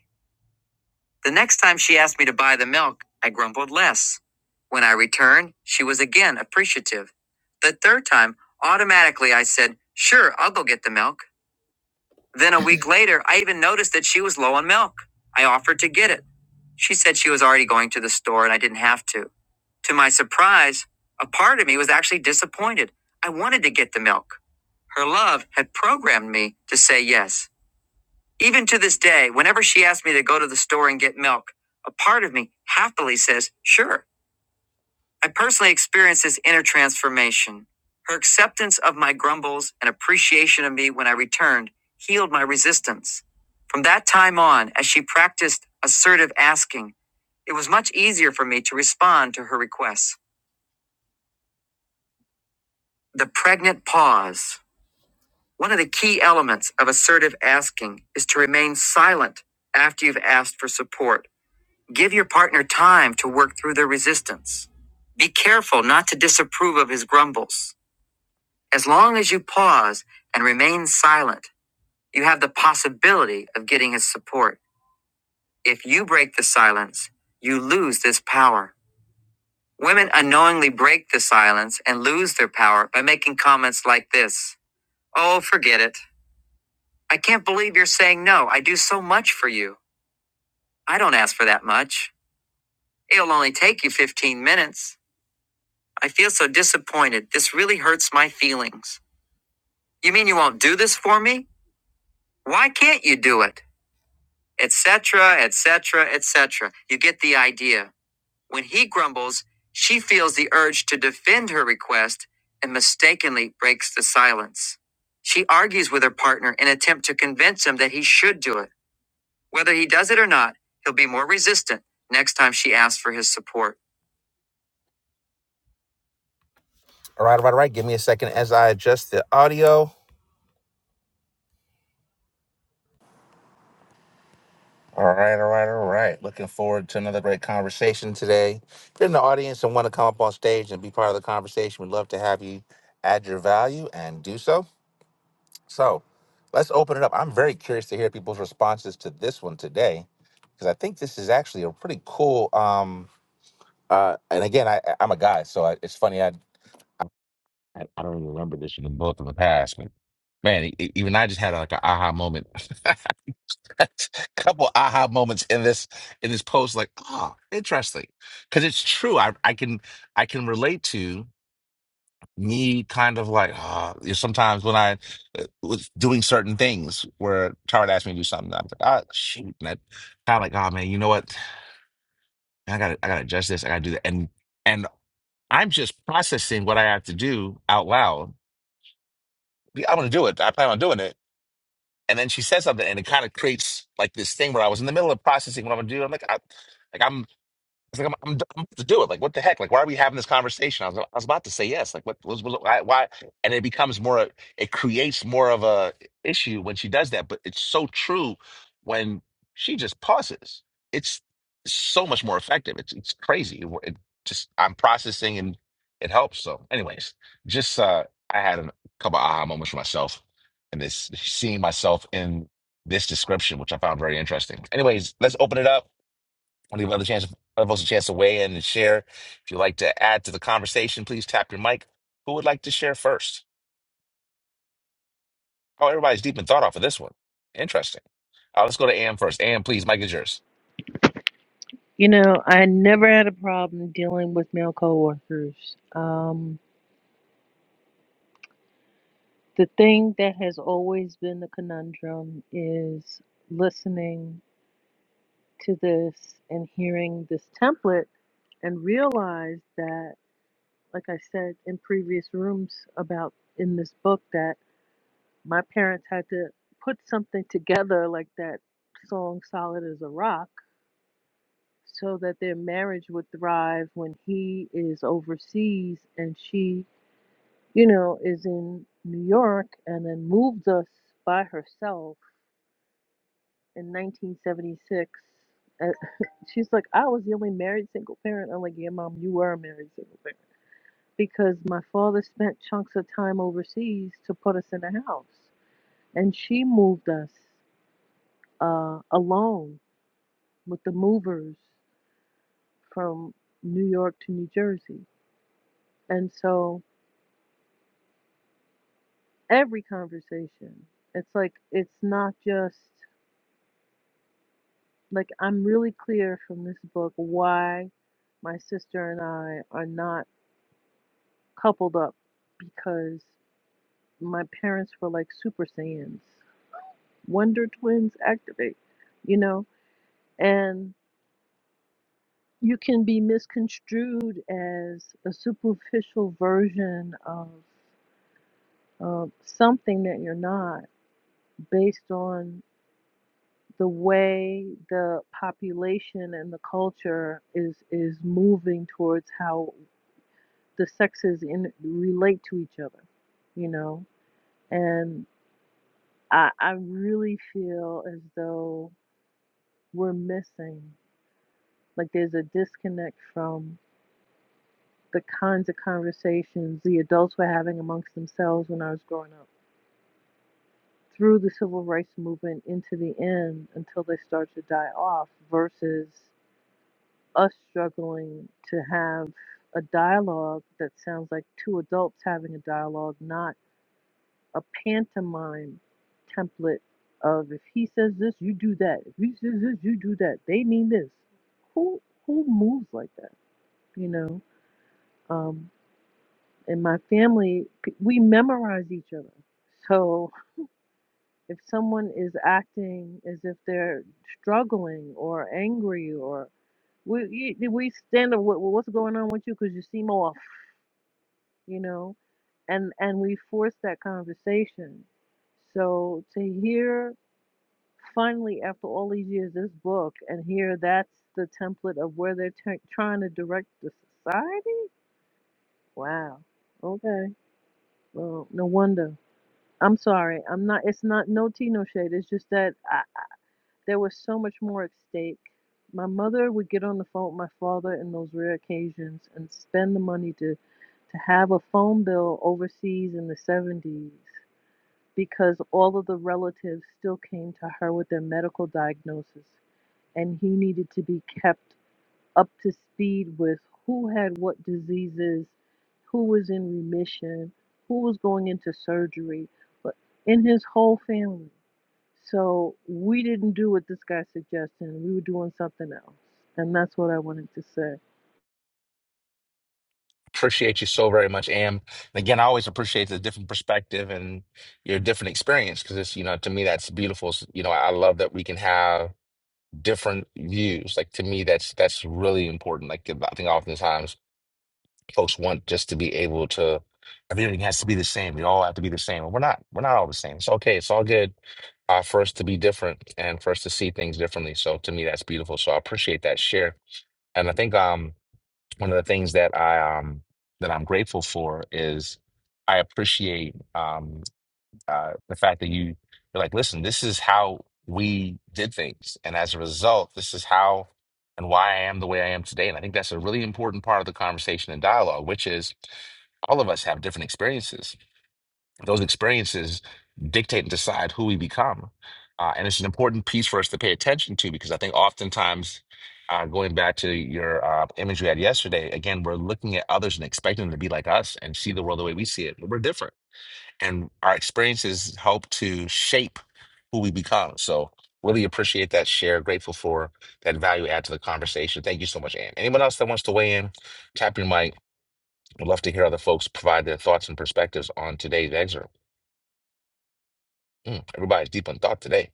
Speaker 1: The next time she asked me to buy the milk, I grumbled less. When I returned, she was again appreciative. The third time, automatically I said, Sure, I'll go get the milk. Then a week later, I even noticed that she was low on milk. I offered to get it. She said she was already going to the store and I didn't have to. To my surprise, a part of me was actually disappointed. I wanted to get the milk. Her love had programmed me to say yes. Even to this day, whenever she asks me to go to the store and get milk, a part of me happily says, sure. I personally experienced this inner transformation. Her acceptance of my grumbles and appreciation of me when I returned healed my resistance. From that time on, as she practiced assertive asking, it was much easier for me to respond to her requests. The pregnant pause. One of the key elements of assertive asking is to remain silent after you've asked for support Give your partner time to work through their resistance. Be careful not to disapprove of his grumbles. As long as you pause and remain silent, you have the possibility of getting his support. If you break the silence, you lose this power. Women unknowingly break the silence and lose their power by making comments like this Oh, forget it. I can't believe you're saying no. I do so much for you. I don't ask for that much. It'll only take you 15 minutes. I feel so disappointed. This really hurts my feelings. You mean you won't do this for me? Why can't you do it? Etc., etc., etc. You get the idea. When he grumbles, she feels the urge to defend her request and mistakenly breaks the silence. She argues with her partner in an attempt to convince him that he should do it. Whether he does it or not, he'll be more resistant next time she asks for his support. All right, all right, all right. Give me a second as I adjust the audio. All right, all right, all right. Looking forward to another great conversation today. If you're in the audience and want to come up on stage and be part of the conversation, we'd love to have you add your value and do so. So let's open it up. I'm very curious to hear people's responses to this one today because I think this is actually a pretty cool. Um, uh, and again, I, I- I'm a guy, so I, it's funny. I I, I don't even remember this in the book in the past, but man, e- e- even I just had like an aha moment. couple aha moments in this in this post, like, oh, interesting. Cause it's true. I I can I can relate to me kind of like ah, you know, sometimes when I uh, was doing certain things where Tara asked me to do something, I'm like, ah, shoot. And I kind of like, oh man, you know what? I gotta I gotta adjust this, I gotta do that. And and I'm just processing what I have to do out loud I'm gonna do it. I plan on doing it. And then she said something, and it kind of creates like this thing where I was in the middle of processing what I'm gonna do. I'm like, I, like I'm it's like I'm, I'm, d- I'm about to do it. Like, what the heck? Like, why are we having this conversation? I was, I was about to say yes. Like, what was, was why, why? And it becomes more. It creates more of a issue when she does that. But it's so true when she just pauses. It's so much more effective. It's it's crazy. It, it just I'm processing and it helps. So, anyways, just uh, I had a couple aha moments for myself and this seeing myself in this description, which I found very interesting. Anyways, let's open it up want to give other chance, other folks a chance to weigh in and share. If you'd like to add to the conversation, please tap your mic. Who would like to share first? Oh, everybody's deep in thought off of this one. Interesting. Uh, let's go to Am first. Am, please, mic is yours.
Speaker 6: You know, I never had a problem dealing with male coworkers. Um, the thing that has always been the conundrum is listening to this and hearing this template and realize that. like I said in previous rooms about in this book that my parents had to put something together like that song Solid as a Rock so that their marriage would thrive when he is overseas and she, you know, is in New York and then moved us by herself in 1976. Uh, She's like, I was the only married single parent. I'm like, yeah, mom, you were a married single parent because my father spent chunks of time overseas to put us in a house. And she moved us uh, alone with the movers from New York to New Jersey. And so every conversation, it's like, it's not just like I'm really clear from this book why my sister and I are not coupled up because my parents were like super saiyans. Wonder twins activate, you know? and you can be misconstrued as a superficial version of uh, something that you're not based on the way the population and the culture is is moving towards how the sexes in relate to each other you know and i i really feel as though we're missing like there's a disconnect from the kinds of conversations the adults were having amongst themselves when I was growing up through the civil rights movement into the end until they start to die off versus us struggling to have a dialogue that sounds like two adults having a dialogue, not a pantomime template of if he says this, you do that. If he says this, you do that. They mean this. Who who moves like that? You know? um, in my family, p- we memorize each other. So if someone is acting as if they're struggling or angry or we you- we stand up, "What- what's going on with you? Because you seem off, you know, and and we force that conversation. So to hear finally after all these years this book and hear that's the template of where they're t- trying to direct the society. Wow. Okay. Well, no wonder. I'm sorry. I'm not. It's not no tea, no shade. It's just that I, there was so much more at stake. My mother would get on the phone with my father in those rare occasions and spend the money to to have a phone bill overseas in the 70s because all of the relatives still came to her with their medical diagnosis and he needed to be kept up to speed with who had what diseases, who was in remission, who was going into surgery, but in his whole family. So we didn't do what this guy suggested. We were doing something else. And that's what I wanted to say.
Speaker 1: Appreciate you so very much, Am. And again, I always appreciate the different perspective and your different experience because it's, you know, to me that's beautiful. S- You know, I love that we can have different views. Like to me, that's that's really important. Like I think oftentimes folks want just to be able to everything has to be the same. We all have to be the same. We're not. We're not all the same. It's okay. It's all good. Uh, for us to be different and for us to see things differently. So to me, that's beautiful. So I appreciate that share. And I think um one of the things that I um that I'm grateful for is I appreciate um uh, the fact that you you're like, listen, this is how we did things, and as a result, this is how and why I am the way I am today. And I think that's a really important part of the conversation and dialogue, which is all of us have different experiences. Those experiences dictate and decide who we become, uh, and it's an important piece for us to pay attention to because I think oftentimes. Uh, going back to your uh, image we had yesterday, again, we're looking at others and expecting them to be like us and see the world the way we see it. But we're different and our experiences help to shape who we become. So really appreciate that share. Grateful for that value add to the conversation. Thank you so much, Ann. Anyone else that wants to weigh in, tap your mic. We'd love to hear other folks provide their thoughts and perspectives on today's excerpt. Mm, everybody's deep in thought today.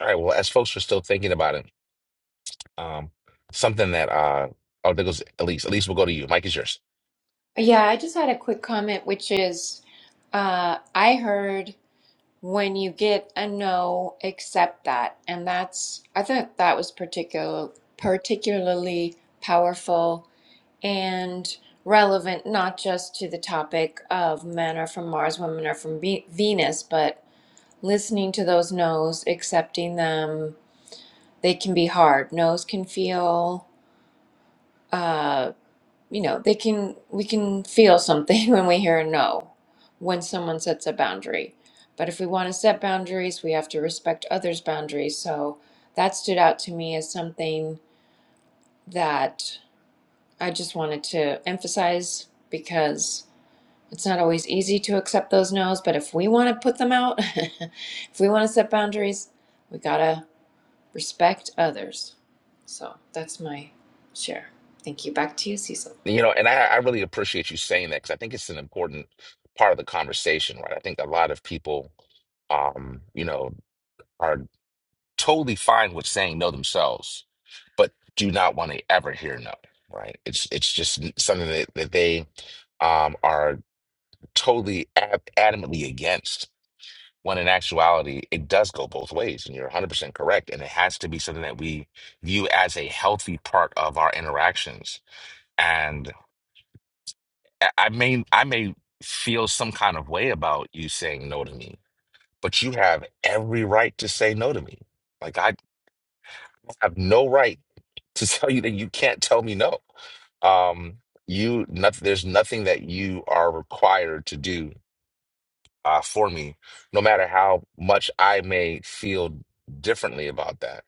Speaker 1: All right. Well, as folks are still thinking about it, um, something that uh, oh, there goes Elise. Elise, we'll go to you. Mike is yours.
Speaker 8: Yeah, I just had a quick comment, which is uh, I heard when you get a no, accept that. And that's, I thought that was particular, particularly powerful and relevant, not just to the topic of men are from Mars, women are from Ve- Venus, but listening to those no's, accepting them, they can be hard. No's can feel. uh, you know they can we can feel something when we hear a no when someone sets a boundary but if we want to set boundaries we have to respect others boundaries so that stood out to me as something that i just wanted to emphasize because it's not always easy to accept those no's but if we want to put them out if we want to set boundaries we gotta respect others so that's my share thank you back to you cecil
Speaker 1: You know, and I, I really appreciate you saying that because I think it's an important part of the conversation, right? I think a lot of people, um, you know, are totally fine with saying no themselves, but do not want to ever hear no, right? It's it's just n- something that, that they um, are totally ad adamantly against. When in actuality, it does go both ways, and you're 100% correct. And it has to be something that we view as a healthy part of our interactions I I may I may feel some kind of way about you saying no to me, but you have every right to say no to me. Like I have no right to tell you that you can't tell me no. Um, you not, there's nothing that you are required to do uh, for me, no matter how much I may feel differently about that.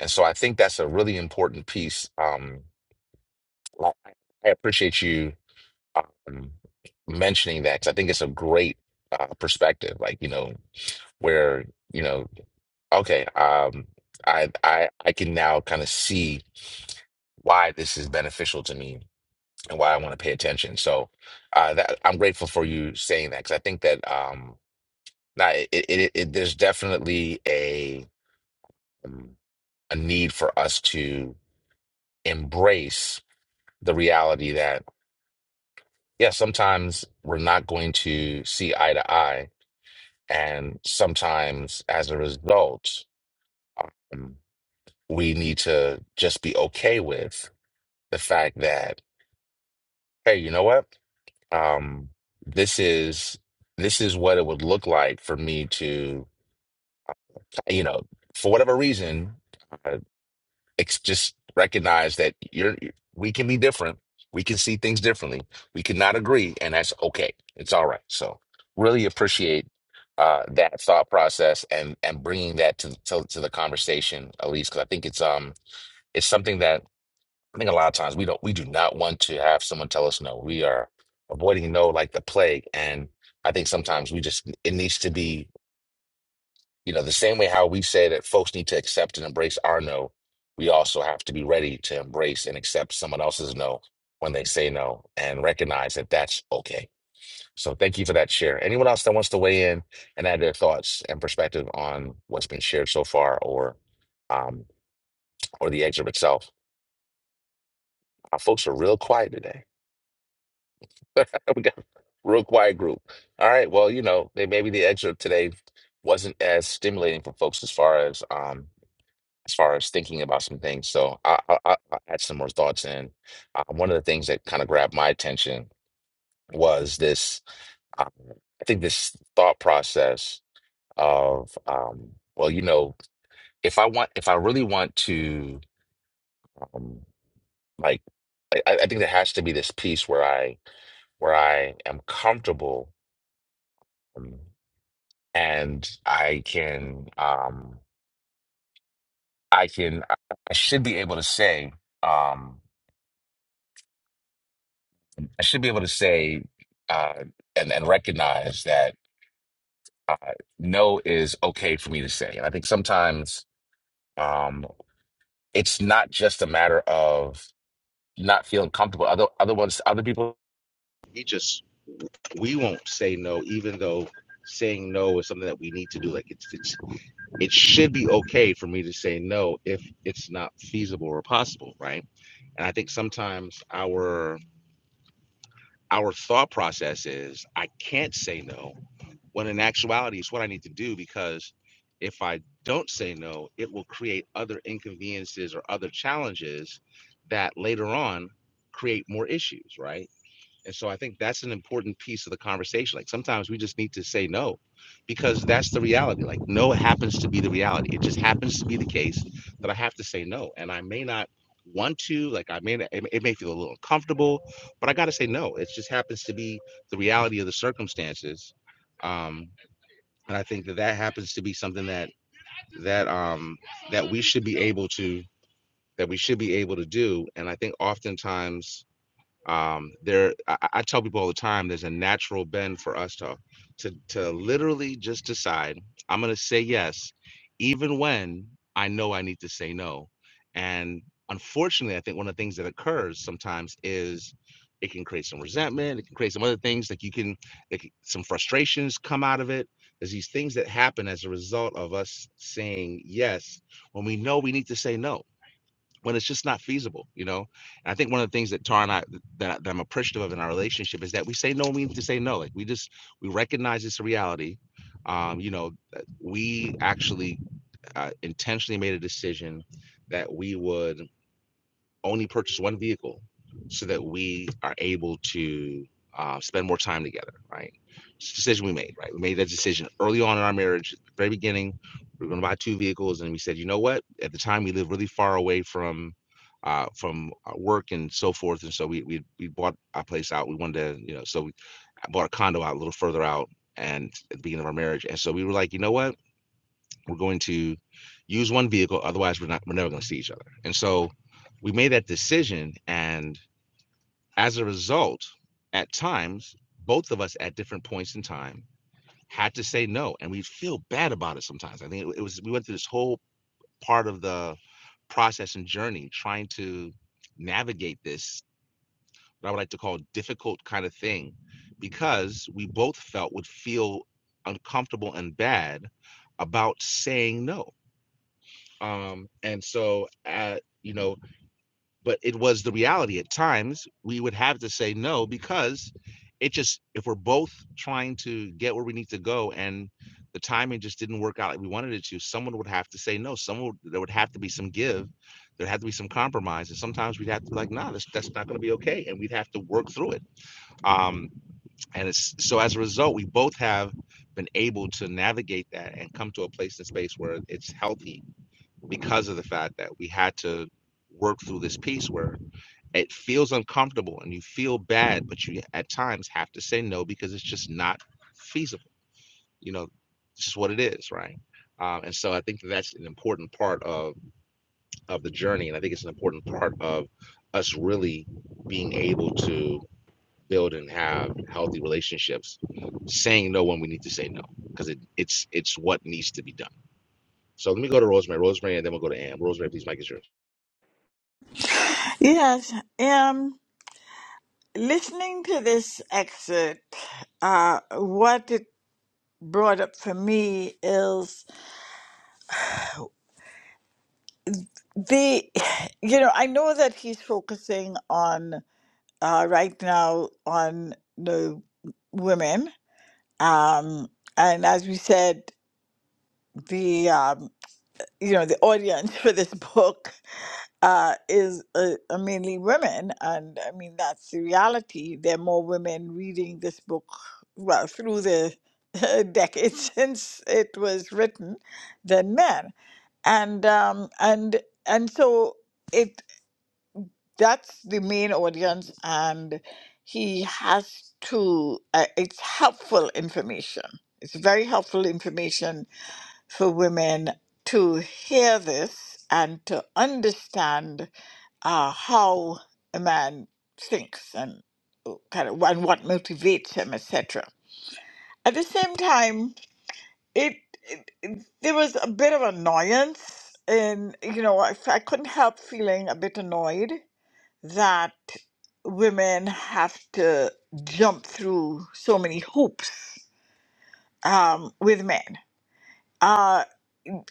Speaker 1: And so I think that's a really important piece. Um, I I appreciate you um, mentioning that because I think it's a great uh, perspective. Like, you know, where, you know, okay, um, I I I can now kind of see why this is beneficial to me and why I want to pay attention. So uh, that I'm grateful for you saying that because I think that um, now it, it, it, it there's definitely a um, a need for us to embrace the reality that yeah, sometimes we're not going to see eye to eye And sometimes, as a result, um, we need to just be okay with the fact that, hey, you know what? Um, this is this is what it would look like for me to, you know, for whatever reason. uh, ex- just recognize that you're we can be different. We can see things differently. We cannot agree, and that's okay. It's all right. So really appreciate uh, that thought process and and bringing that to to, to the conversation, at least because I think it's um it's something that I think a lot of times we don't we do not want to have someone tell us no. We are avoiding no like the plague, and I think sometimes we just it needs to be you know, the same way how we say that folks need to accept and embrace our no, we also have to be ready to embrace and accept someone else's no when they say no and recognize that that's okay. So thank you for that share. Anyone else that wants to weigh in and add their thoughts and perspective on what's been shared so far or um or the excerpt itself. Our folks are real quiet today. we got a real quiet group. All right. Well, you know, may- maybe the excerpt today wasn't as stimulating for folks as far as um as far as thinking about some things. So I, I, I I had some more thoughts, and uh, one of the things that kind of grabbed my attention was this. Um, I think this thought process of, um, well, you know, if I want, if I really want to, um, like, I, I I think there has to be this piece where I, where I am comfortable, um, and I can, um, I can, I I should be able to say. Um, I should be able to say uh, and and recognize that uh, no is okay for me to say. And I think sometimes um, it's not just a matter of not feeling comfortable. Other other ones, other people. We won't say no, even though saying no is something that we need to do. Like it's, it's it should be okay for me to say no if it's not feasible or possible, right? And I think sometimes our our thought process is I can't say no. when in actuality it's what I need to do because if I don't say no, it will create other inconveniences or other challenges that later on create more issues, right? And so I think that's an important piece of the conversation. Like sometimes we just need to say no because that's the reality. Like no happens to be the reality. It just happens to be the case that I have to say no. And I may not want to, like I may, it it may feel a little uncomfortable, but I got to say no. It just happens to be the reality of the circumstances. Um, and I think that that happens to be something that, that, um, that we should be able to, that we should be able to do. And I think oftentimes, um there I, I tell people all the time there's a natural bend for us to to to literally just decide i'm going to say yes even when i know i need to say no and unfortunately i think one of the things that occurs sometimes is it can create some resentment it can create some other things like you can like some frustrations come out of it there's these things that happen as a result of us saying yes when we know we need to say no when it's just not feasible, you know. And I think one of the things that Tara and I that, I- that I'm appreciative of in our relationship is that we say no means to say no. Like we just we recognize it's a reality. Um, you know, we actually uh, intentionally made a decision that we would only purchase one vehicle so that we are able to uh, spend more time together, right? It's a decision we made, right? We made that decision early on in our marriage, at the very beginning. We were going to buy two vehicles, and we said, you know what? At the time, we lived really far away from uh, from uh, work and so forth, and so we we we bought our place out. We wanted to, you know, so we I bought a condo out a little further out, and at the beginning of our marriage, and so we were like, you know what? We're going to use one vehicle, otherwise we're not we're never going to see each other. And so we made that decision, and as a result, at times both of us at different points in time had to say no, and we feel bad about it sometimes. I think it, it was we went through this whole part of the process and journey trying to navigate this what I would like to call difficult kind of thing because we both felt would feel uncomfortable and bad about saying no um and so uh you know but it was the reality at times we would have to say no because it just if we're both trying to get where we need to go and the timing just didn't work out like we wanted it to someone would have to say no someone would, there would have to be some give there had to be some compromise and sometimes we'd have to be like nah that's, that's not going to be okay and we'd have to work through it um and it's so as a result we both have been able to navigate that and come to a place and space where it's healthy because of the fact that we had to work through this piece where it feels uncomfortable and you feel bad, but you at times have to say no because it's just not feasible. You know, this is what it is, right? Um, and so I think that that's an important part of of the journey, and I think it's an important part of us really being able to build and have healthy relationships, saying no when we need to say no because it it's it's what needs to be done. So let me go to Rosemary, Rosemary, and then we'll go to Ann. Rosemary, please, Mike is yours.
Speaker 5: Yes, um, listening to this excerpt, uh, what it brought up for me is the, you know, I know that he's focusing on uh, right now on the women Um, and as we said, the um, you know the audience for this book uh, is uh, uh, mainly women, and I mean that's the reality. There are more women reading this book, well, through the decades since it was written, than men, and um, and and so that's the main audience and he has to uh, it's helpful information it's very helpful information for women to hear this and to understand uh, how a man thinks and uh, kind of and what motivates him etc at the same time it, it, it there was a bit of annoyance and you know I, I couldn't help feeling a bit annoyed that women have to jump through so many hoops um, with men. Uh,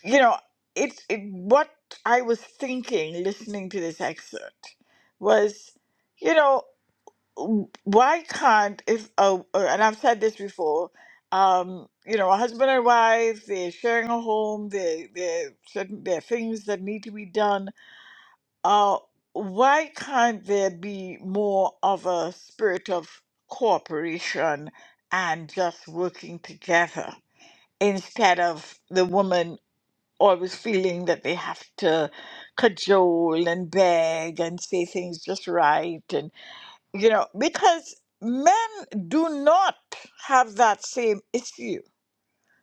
Speaker 5: you know, it's it, what I was thinking listening to this excerpt was, you know, w- why can't if a, a- and I've said this before, um, you know, a husband and wife they're sharing a home, they they certain there are things that need to be done Uh, why can't there be more of a spirit of cooperation and just working together instead of the woman always feeling that they have to cajole and beg and say things just right? And, you know, because men do not have that same issue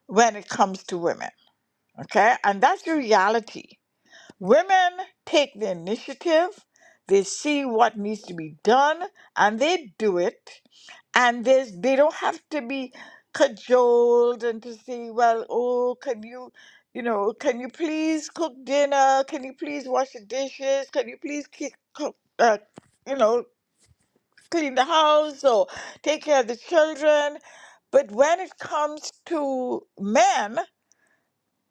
Speaker 5: when it comes to women, okay? And that's the reality Women take the initiative, they see what needs to be done, and they do it. And there's, they don't have to be cajoled and to say, well, oh, can you, you know, can you please cook dinner? Can you please wash the dishes? Can you please keep, cook, uh, you know, clean the house or take care of the children? But when it comes to men,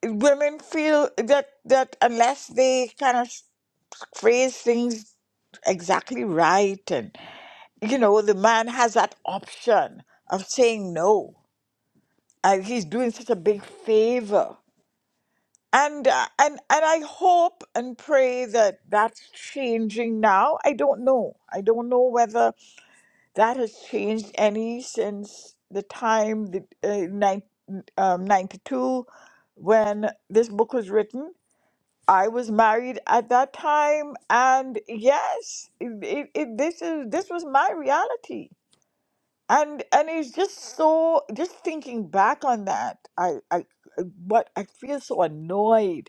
Speaker 5: women feel that that unless they kind of phrase things exactly right and you know the man has that option of saying no and he's doing such a big favor and uh, and and i hope and pray that that's changing now i don't know i don't know whether that has changed any since the time the uh, nine, um, 92 when this book was written I was married at that time, and yes, it, it, it, this is this was my reality, and and it's just so. Just thinking back on that, I I what I feel so annoyed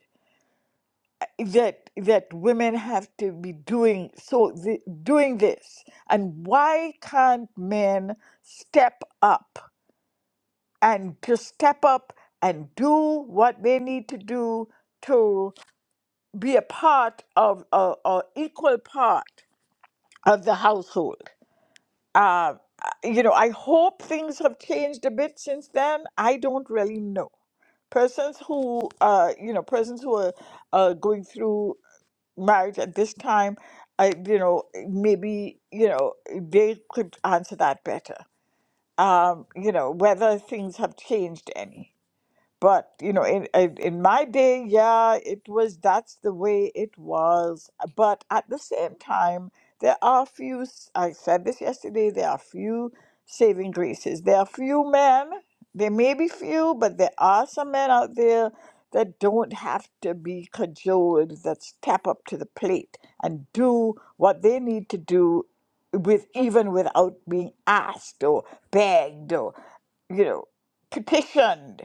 Speaker 5: that that women have to be doing so th- doing this, and why can't men step up and just step up and do what they need to do be a part of or or equal part of the household. Uh, you know, I hope things have changed a bit since then. I don't really know. Persons who, uh, you know, persons who are uh, going through marriage at this time, I, you know, maybe you know they could answer that better. Um, you know, whether things have changed any but you know in, in in my day yeah it was that's the way it was but at the same time there are few s- i said this yesterday there are few saving graces there are few men there may be few but there are some men out there that don't have to be cajoled that step up to the plate and do what they need to do with even without being asked or begged or you know petitioned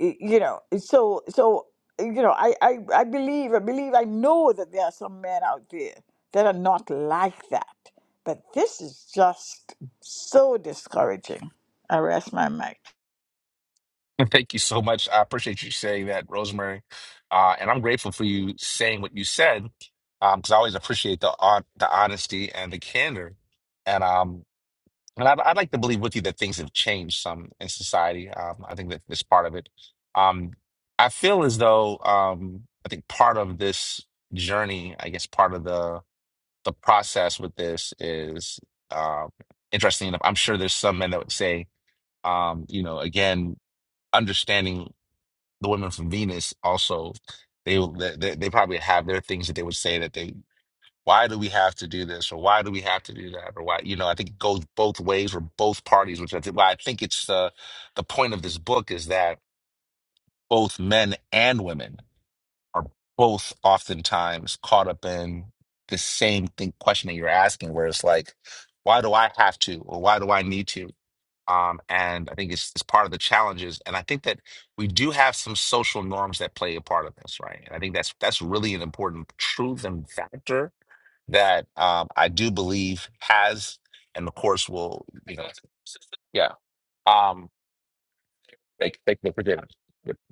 Speaker 5: y- you know so so you know I, I i believe i believe i know that there are some men out there that are not like that but this is just so discouraging i rest my mic
Speaker 1: And Thank you so much. I appreciate you saying that, Rosemary. Uh, and I'm grateful for you saying what you said, because I always appreciate the on the honesty and the candor. And um, and I'd, I'd like to believe with you that things have changed some in society. Um, I think that that's part of it. Um, I feel as though um, I think part of this journey, I guess part of the the process with this is uh, interesting enough. I'm sure there's some men that would say, um, you know, again, understanding the women from Venus also they they, they probably have their things that they would say that they why do we have to do this or why do we have to do that or why you know I think it goes both ways for both parties which I think why I think it's the the point of this book is that both men and women are both oftentimes caught up in the same thing question that you're asking where it's like why do I have to or why do I need to um, and I think it's, it's part of the challenges. And I think that we do have some social norms that play a part of this, right? And I think that's that's really an important truth and factor that um, I do believe has, and of course will, you know, yeah. Um, Thank, thank you for dinner.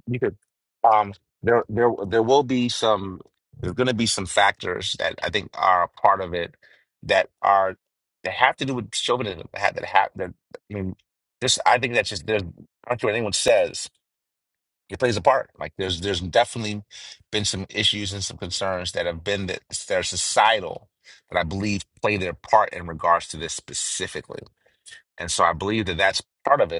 Speaker 1: You could. Um, there, there, there will be some. There's going to be some factors that I think are a part of it that are that have to do with chauvinism. That have, that have that. I mean, just I think that's just there's. I don't care what anyone says. It plays a part. Like there's there's definitely been some issues and some concerns that have been that they're societal that I believe play their part in regards to this specifically. And so I believe that that's part of it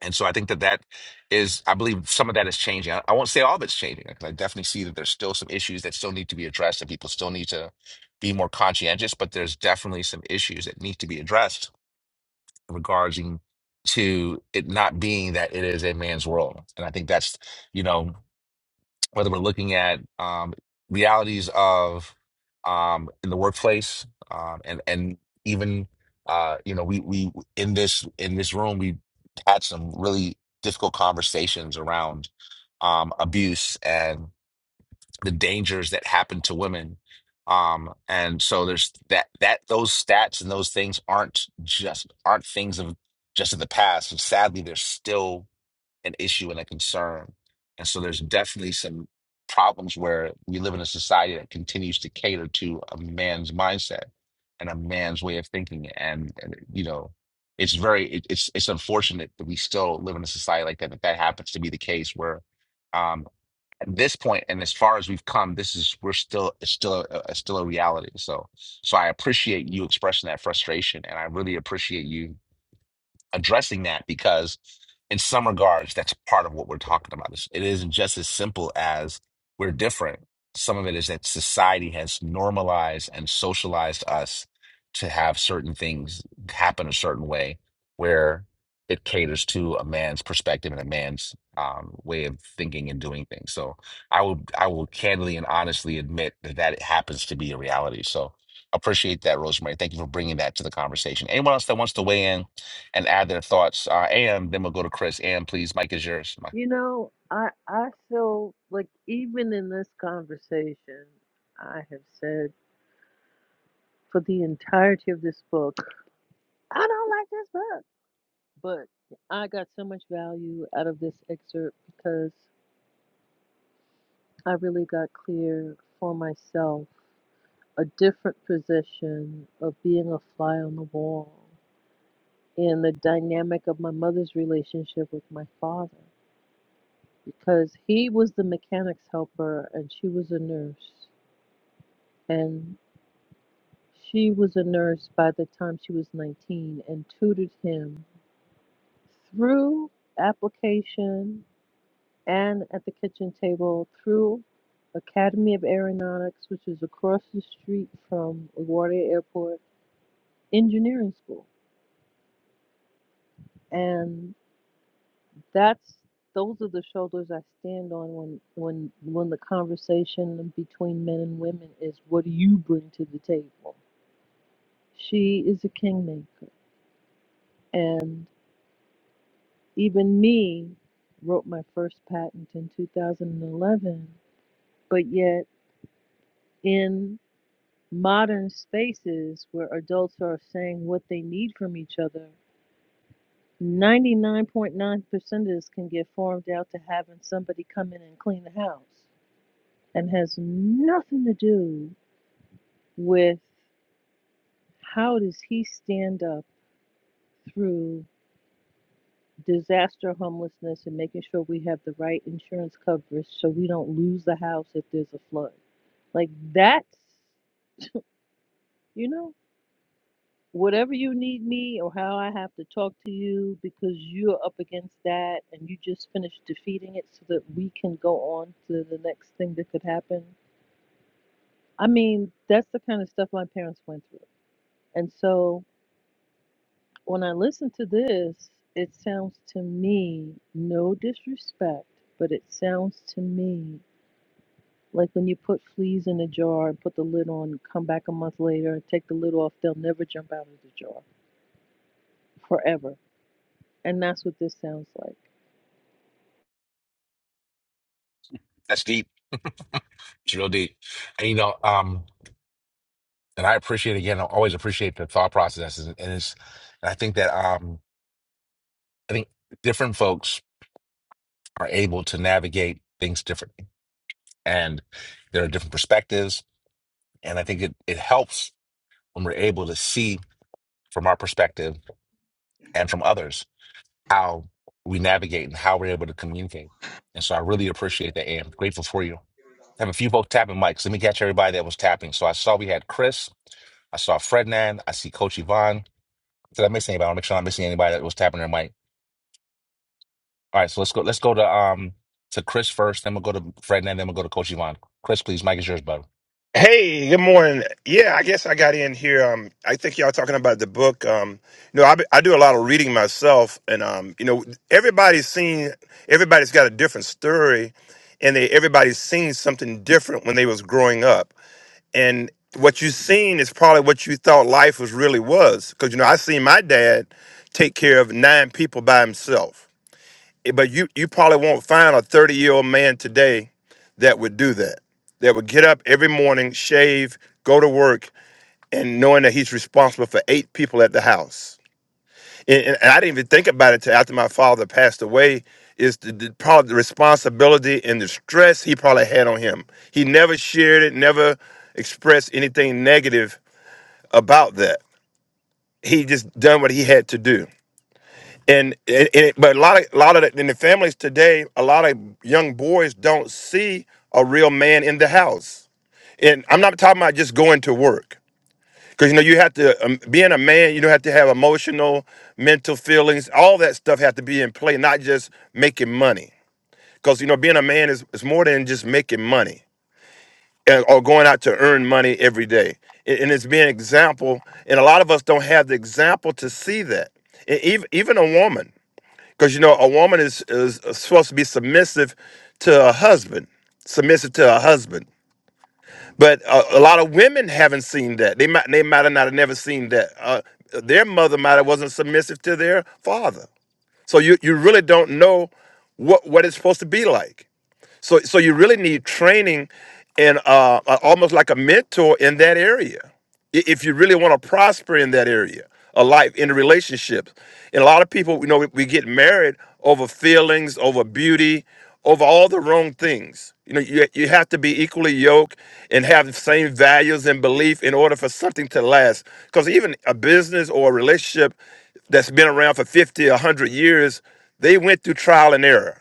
Speaker 1: and so I think that that is, I believe some of that is changing. I, I won't say all of it's changing because I definitely see that there's still some issues that still need to be addressed and people still need to be more conscientious, but there's definitely some issues that need to be addressed regarding to it not being that it is a man's world. And I think that's, you know, whether we're looking at um, realities of um, in the workplace um, and and even uh, you know we we in this in this room we had some really difficult conversations around um, abuse and the dangers that happen to women um, and so there's that that those stats and those things aren't just aren't things of just in the past and sadly they're still an issue and a concern. And so there's definitely some problems where we live in a society that continues to cater to a man's mindset and a man's way of thinking. And, and you know, it's very it, it's it's unfortunate that we still live in a society like that. That that happens to be the case where um at this point and as far as we've come, this is we're still it's still a, a still a reality. So so I appreciate you expressing that frustration and I really appreciate you addressing that because in some regards that's part of what we're talking about It's- it isn't just as simple as we're different some of it is that society has normalized and socialized us to have certain things happen a certain way where it caters to a man's perspective and a man's um, way of thinking and doing things so i will i will candidly and honestly admit that that happens to be a reality so appreciate that rosemary thank you for bringing that to the conversation anyone else that wants to weigh in and add their thoughts. Uh, and then we'll go to Chris. And please, Mike is yours. Mike.
Speaker 6: You know, I I feel like even in this conversation, I have said for the entirety of this book, I don't like this book. But I got so much value out of this excerpt because. I really got clear for myself a different position of being a fly on the wall in the dynamic of my mother's relationship with my father because he was the mechanic's helper and she was a nurse and she was a nurse by the time she was 19 and tutored him through application and at the kitchen table through Academy of Aeronautics, which is across the street from LaGuardia Airport Engineering School. And that's those are the shoulders I stand on when when when the conversation between men and women is what do you bring to the table? She is a kingmaker. And even me wrote my first patent in 2011, but yet in modern spaces where adults are saying what they need from each other, 99.9% of this can get farmed out to having somebody come in and clean the house and has nothing to do with how does he stand up through disaster homelessness and making sure we have the right insurance coverage so we don't lose the house if there's a flood. Like that's, you know, whatever you need me or how I have to talk to you because you're up against that and you just finished defeating it so that we can go on to the next thing that could happen. I mean, that's the kind of stuff my parents went through. And so when I listen to this, it sounds to me, no disrespect, but it sounds to me like when you put fleas in a jar and put the lid on, come back a month later and take the lid off, they'll never jump out of the jar forever. And that's what this sounds like.
Speaker 1: That's deep. It's real deep. And you know, um, and I appreciate again. I always appreciate the thought processes, and it's. And I think that um, I think different folks are able to navigate things differently, and there are different perspectives. And I think it it helps when we're able to see from our perspective and from others how we navigate and how we're able to communicate. And so I really appreciate that, and grateful for you I have a few folks tapping mics. Let me catch everybody that was tapping. So I saw we had Chris. I saw Frednan. I see Coach Yvonne. Did I miss anybody? I want to make sure I'm missing anybody that was tapping their mic. All right, so let's go. Let's go to um to Chris first. Then we'll go to Frednan. Then we'll go to Coach Yvonne. Chris, please, mic is yours, bud.
Speaker 9: Hey, good morning. Yeah, I guess I got in here. Um, I think y'all talking about the book. Um, you know, I, be- I do a lot of reading myself, and um, you know, everybody's seen, everybody's got a different story, and they everybody's seen something different when they was growing up, and what you seen is probably what you thought life was really was, because you know, I seen my dad take care of nine people by himself Eh, but you you probably won't find a 30 year old man today that would do that that would get up every morning shave go to work and knowing that he's responsible for eight people at the house and, and- and i didn't even think about it till after my father passed away is the, the probably the responsibility and the stress he probably had on him he never shared it never expressed anything negative about that he just done what he had to do and, and, and it- but a lot of a lot of the, in the families today, a lot of young boys don't see a real man in the house. And I'm not talking about just going to work because you know you have to um, being a man, you don't have to have emotional, mental feelings, all that stuff have to be in play, not just making money. Because you know being a man is is more than just making money and- or going out to earn money every day. And and it's being an example, and a lot of us don't have the example to see that. E- Even even a woman because you know a woman is is supposed to be submissive to a husband submissive to a husband but a, a lot of women haven't seen that they might they might have not have never seen that uh, their mother might have wasn't submissive to their father so you you really don't know what what it's supposed to be like so so you really need training and uh, uh, almost like a mentor in that area i- if you really want to prosper in that area of life in the relationships. And a lot of people, you know, we, we get married over feelings, over beauty, over all the wrong things. You know, you, you have to be equally yoked and have the same values and belief in order for something to last. Because even a business or a relationship that's been around for 50, 100 years, they went through trial and error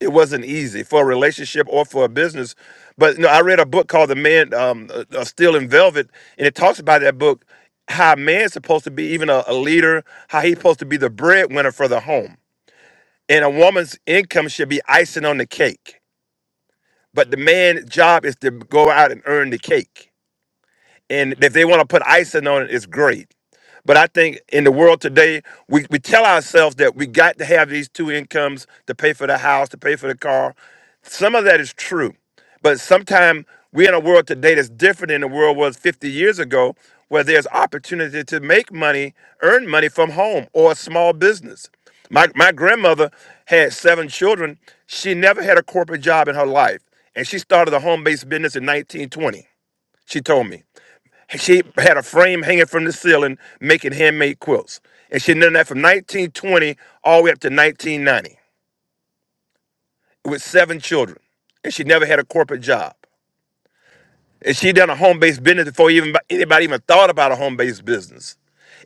Speaker 9: it wasn't easy for a relationship or for a business. But you know, I read a book called The Man um, uh, uh, Still in Velvet, and it talks about that book how a man's supposed to be even a, a leader, how he's supposed to be the breadwinner for the home, and a woman's income should be icing on the cake. But the man's job is to go out and earn the cake and if they want to put icing on it, it's great. But I think in the world today, we, we tell ourselves that we got to have these two incomes to pay for the house, to pay for the car. Some of that is true. But sometimes we're in a world today that's different than the world was 50 years ago, where there's opportunity to make money, earn money from home or a small business. My, my grandmother had seven children. She never had a corporate job in her life. And she started a home based business in 1920, she told me. She had a frame hanging from the ceiling making handmade quilts. And she done that from 1920 all the way up to 1990 with seven children. And she never had a corporate job. And she done a home based business before even anybody even thought about a home based business.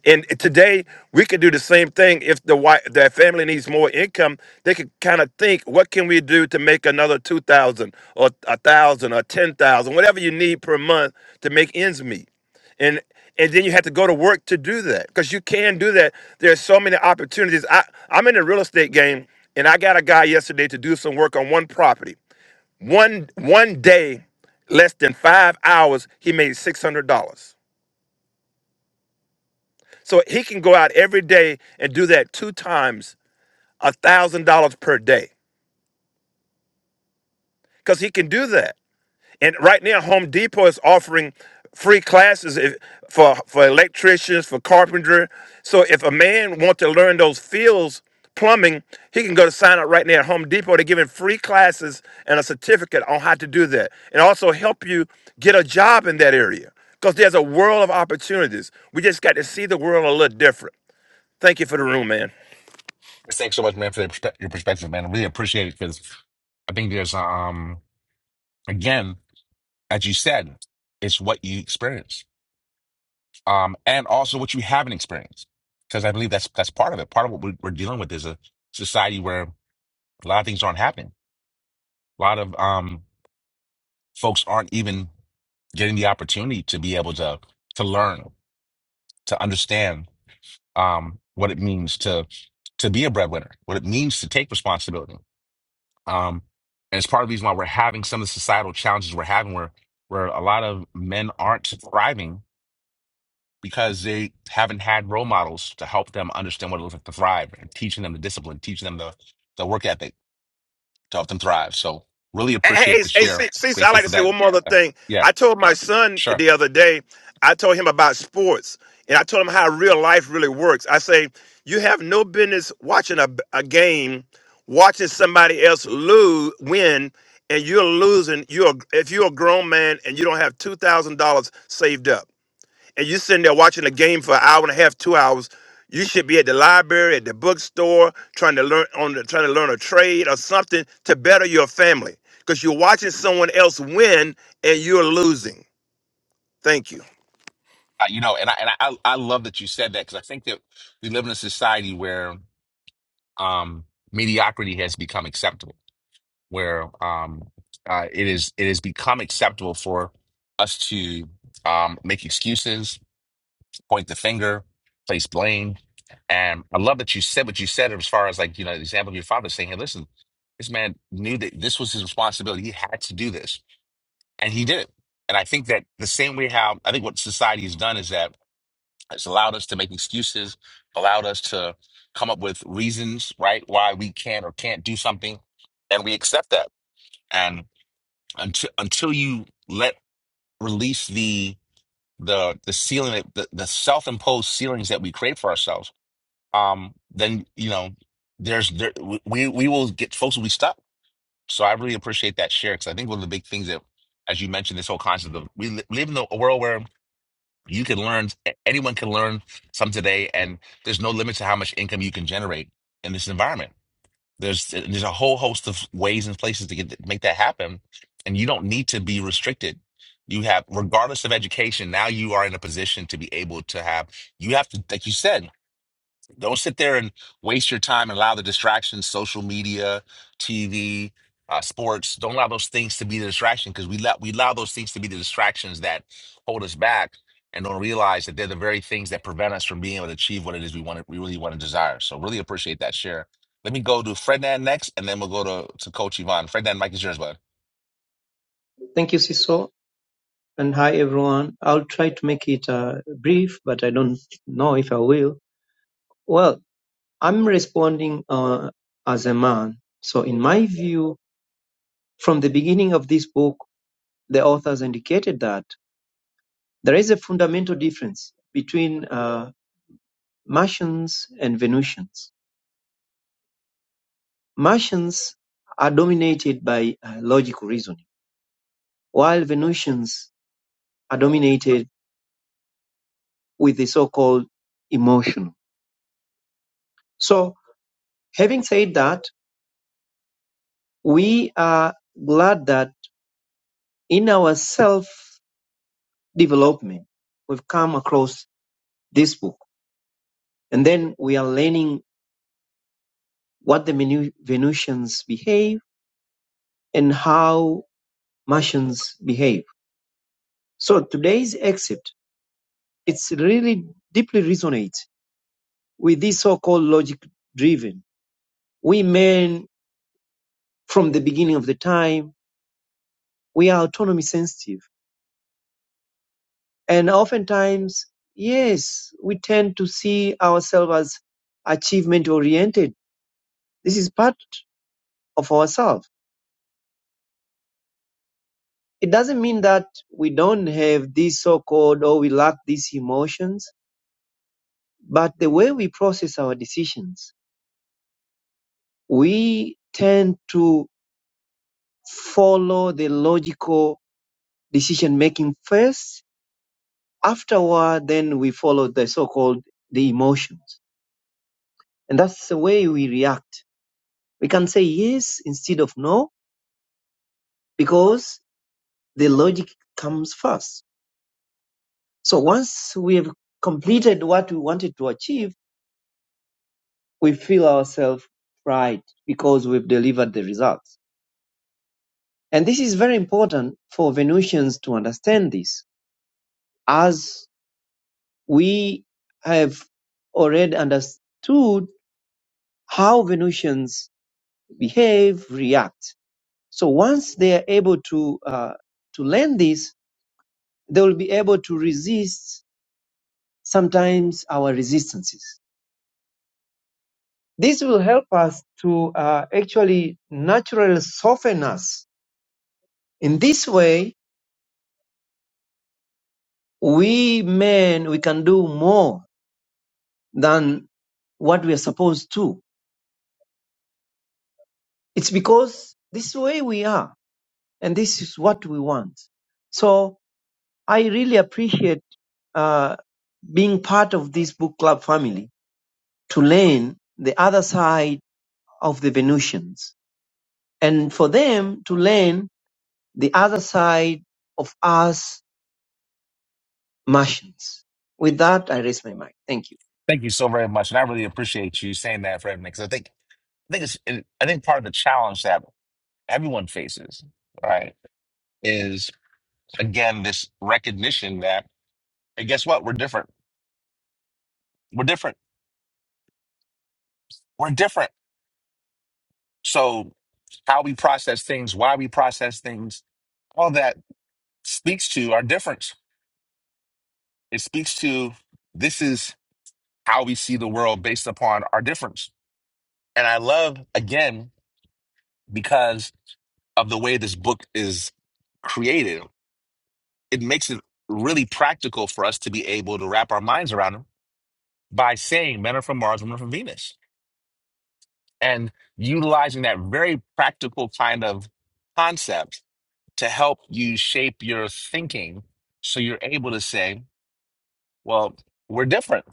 Speaker 9: And today we could do the same thing if the wife, that family needs more income. They could kind of think, what can we do to make another two thousand or a thousand or ten thousand, whatever you need per month to make ends meet. And and then you have to go to work to do that because you can do that. There's so many opportunities. I I'm in the real estate game, and I got a guy yesterday to do some work on one property. One one day, less than five hours, he made six hundred dollars. So he can go out every day and do that two times, a thousand dollars per day, because he can do that. And right now, Home Depot is offering free classes if, for for electricians, for carpenter. So if a man wants to learn those fields, plumbing, he can go to sign up right now at Home Depot. They're giving free classes and a certificate on how to do that, and also help you get a job in that area. Because there's a world of opportunities. We just got to see the world a little different. Thank you for the room, man.
Speaker 1: Chris, Thanks so much, man, for your perspe- your perspective, man. I really appreciate it because I think there's um again, as you said, it's what you experience, um, and also what you haven't experienced. Because I believe that's that's part of it. Part of what we- we're dealing with is a society where a lot of things aren't happening A lot of um folks aren't even getting the opportunity to be able to to learn, to understand um what it means to to be a breadwinner, what it means to take responsibility. Um, and it's part of the reason why we're having some of the societal challenges we're having where where a lot of men aren't thriving because they haven't had role models to help them understand what it looks like to thrive and teaching them the discipline, teaching them the, the work ethic to help them thrive. So really
Speaker 9: Hey, hey,
Speaker 1: appreciate the
Speaker 9: hey, hey,
Speaker 1: share.
Speaker 9: see, I
Speaker 1: Grateful
Speaker 9: like to
Speaker 1: for
Speaker 9: say
Speaker 1: that.
Speaker 9: one more other
Speaker 1: Uh,
Speaker 9: thing.
Speaker 1: yeah,
Speaker 9: I told my son
Speaker 1: sure.
Speaker 9: the other day, I told him about sports, and I told him how real life really works. I say, you have no business watching a, a game, watching somebody else lose, win, and you're losing. You're if you're a grown man and you don't have two thousand dollars saved up and you're sitting there watching a game for an hour and a half, two hours, you should be at the library, at the bookstore, trying to learn on the, trying to learn a trade or something to better your family. Because you're watching someone else win and you're losing. Thank you.
Speaker 1: I, you know, and I and I I love that you said that because I think that we live in a society where um mediocrity has become acceptable, where um uh, it is it has become acceptable for us to um make excuses, point the finger, place blame. And I love that you said what you said as far as like, you know, the example of your father saying, Hey, listen, this man knew that this was his responsibility. He had to do this. And he did it. And I think that the same way how I think what society has done is that it's allowed us to make excuses, allowed us to come up with reasons, right, why we can or can't do something, and we accept that. And until until you let release the the the ceiling, that- the, the self imposed ceilings that we create for ourselves, um, then you know there's there we we will get folks will be stuck. So I really appreciate that share because I think one of the big things that, as you mentioned, this whole concept of we li- live in a world where you can learn, anyone can learn some today, and there's no limit to how much income you can generate in this environment. There's uh, there's a whole host of ways and places to get make that happen, and you don't need to be restricted. You have, regardless of education, now you are in a position to be able to have. You have to, like you said, don't sit there and waste your time and allow the distractions social media tv uh, sports don't allow those things to be the distraction because we let we allow those things to be the distractions that hold us back and don't realize that they're the very things that prevent us from being able to achieve what it is we want to, we really want to desire so really appreciate that share let me go to Frednan next, and then we'll go to, to Coach Yvonne. Frednan, Mike is yours, bud.
Speaker 10: Thank you, Siso. And hi, everyone. I'll try to make it uh, brief, but I don't know if I will. Well, I'm responding uh, as a man. So, in my view, from the beginning of this book, the authors indicated that there is a fundamental difference between uh, Martians and Venusians. Martians are dominated by uh, logical reasoning, while Venusians are dominated with the so called emotional. So, having said that, We are glad that in our self-development, we've come across this book. And then we are learning what the Venusians behave and how Martians behave. So today's excerpt, it's really deeply resonates with this so-called logic driven. We men, from the beginning of the time, we are autonomy sensitive And oftentimes, yes, we tend to see ourselves as achievement oriented. This is part of ourselves. It doesn't mean that we don't have these so called or we lack these emotions, but the way we process our decisions, we tend to follow the logical decision making first. Afterward, then we follow the so called the emotions. And that's the way we react. We can say yes instead of no because the logic comes first. So once we have completed what we wanted to achieve, we feel ourselves right because we've delivered the results. And this is very important for Venusians to understand this as we have already understood how Venusians behave, react. So once they are able to, uh, to learn this, they will be able to resist sometimes our resistances This will help us to uh, actually naturally soften us. In this way, we men, we can do more than what we are supposed to. It's because this is the way we are and this is what we want. So I really appreciate uh, being part of this book club family to learn the other side of the Venusians and for them to learn the other side of us Martians. With that, I raise my mic. Thank you.
Speaker 1: Thank you so very much, and I really appreciate you saying that, Frednan, because I think I think it's I think part of the challenge that everyone faces, right, is. again this recognition that and guess what we're different we're different we're different so how we process things why we process things all that speaks to our difference it speaks to this is how we see the world based upon our difference and i love again because of the way this book is created it makes it really practical for us to be able to wrap our minds around them by saying men are from mars women are from venus and utilizing that very practical kind of concept to help you shape your thinking so you're able to say, well, we're different.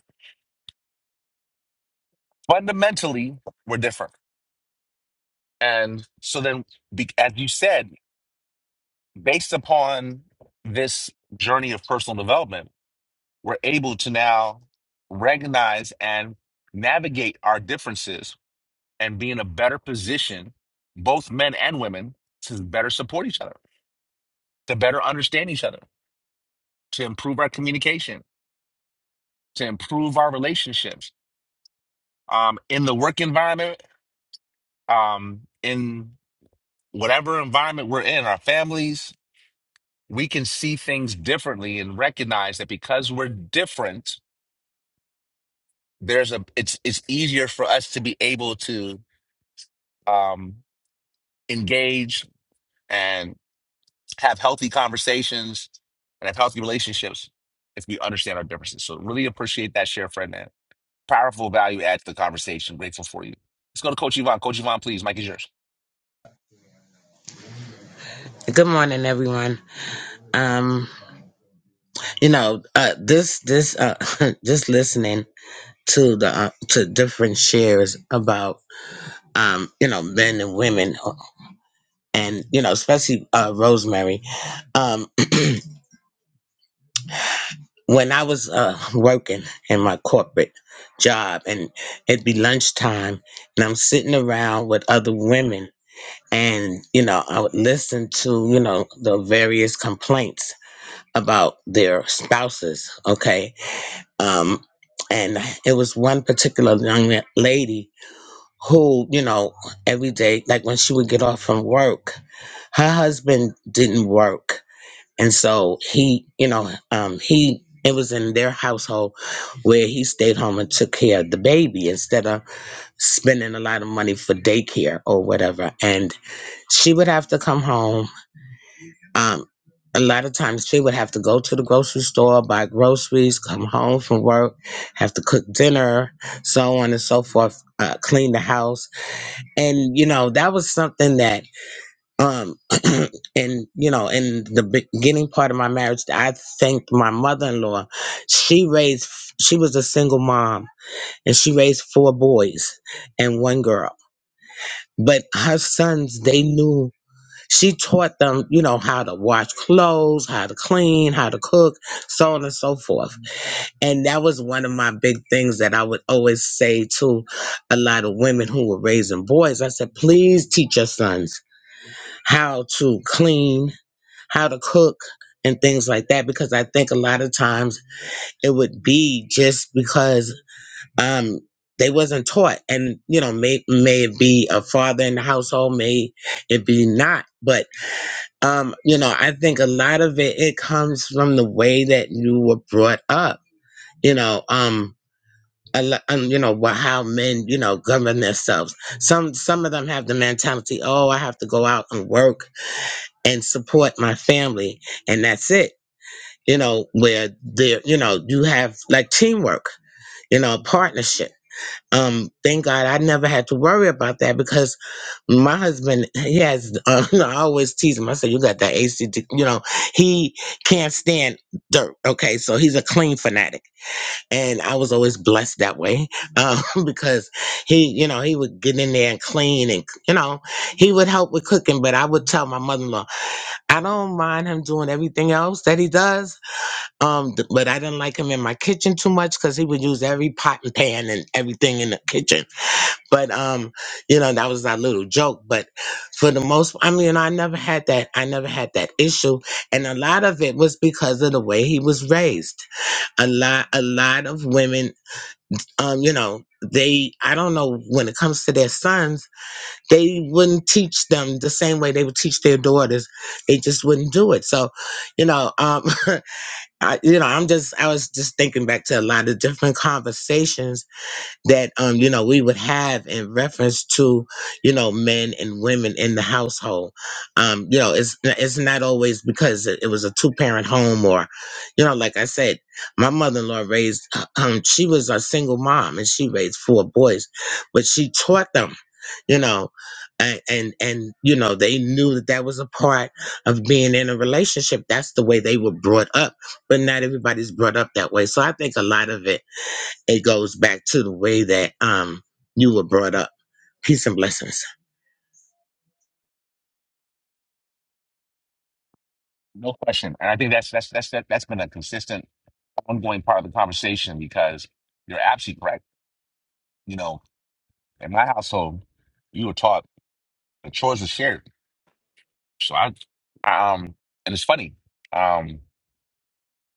Speaker 1: Fundamentally, we're different. And so then, be- as you said, based upon this journey of personal development, we're able to now recognize and navigate our differences and be in a better position, both men and women, to better support each other, to better understand each other to improve our communication, to improve our relationships um, in the work environment, um, in whatever environment we're in, our families, we can see things differently and recognize that because we're different, there's a it's it's easier for us to be able to um, engage and have healthy conversations and have healthy relationships if we understand our differences. So really appreciate that share, friend. Powerful value add to the conversation. Grateful for you. Let's go to Coach Yvonne. Coach Yvonne, please. Mike is yours.
Speaker 11: Good morning, everyone. Um, you know, uh, this this uh, just listening to the uh, to different shares about um, you know, men and women, and you know, especially uh, Rosemary. Um, when I was uh, working in my corporate job, and it'd be lunchtime, and I'm sitting around with other women, and you know, I would listen to you know the various complaints about their spouses. Okay, Um, and it was one particular young la- lady who, you know, every day, like when she would get off from work, her husband didn't work. And so he, you know, um, he, it was in their household where he stayed home and took care of the baby instead of spending a lot of money for daycare or whatever. And she would have to come home um, a lot of times she would have to go to the grocery store, buy groceries, come home from work, have to cook dinner, so on and so forth, uh, clean the house. And, you know, that was something that, um, and, you know, in the beginning part of my marriage, I thanked my mother in law. She raised, she was a single mom and she raised four boys and one girl. But her sons, they knew she taught them, you know, how to wash clothes, how to clean, how to cook, so on and so forth. And that was one of my big things that I would always say to a lot of women who were raising boys. I said, please teach your sons how to clean, how to cook, and things like that, because I think a lot of times it would be just because um they wasn't taught and you know may may it be a father in the household may it be not but um, you know, I think a lot of it it comes from the way that you were brought up. You know, um, a lo- um, you know wha- how men you know govern themselves. Some some of them have the mentality, oh, I have to go out and work and support my family, and that's it. You know, where there, you know, you have like teamwork, you know, partnership. Um, thank God I never had to worry about that because my husband he has uh, i always tease him i say you got that act you know he can't stand dirt okay so he's a clean fanatic and i was always blessed that way um, because he you know he would get in there and clean and you know he would help with cooking but i would tell my mother-in-law i don't mind him doing everything else that he does um, th- but i didn't like him in my kitchen too much because he would use every pot and pan and everything in the kitchen but um, you know, that was our little joke. But for the most, I mean, I never had that. I never had that issue, and a lot of it was because of the way he was raised. A lot, a lot of women, um, you know, they. I don't know when it comes to their sons, they wouldn't teach them the same way they would teach their daughters. They just wouldn't do it. So, you know, um, I, you know, I'm just. I was just thinking back to a lot of different conversations that um you know we would have in reference to you know men and women in the household um you know it's it's not always because it it was a two parent home or you know like i said my mother-in-law raised um she was a single mom and she raised four boys but she taught them you know and, and and you know they knew that that was a part of being in a relationship that's the way they were brought up but not everybody's brought up that way so i think a lot of it it goes back to the way that um you were brought up. Peace and blessings.
Speaker 1: No question. And I think that's that's that's that, that's been a consistent, ongoing part of the conversation because you're absolutely correct. You know, in my household, you were taught the chores are shared. So I, um, and it's funny. Um,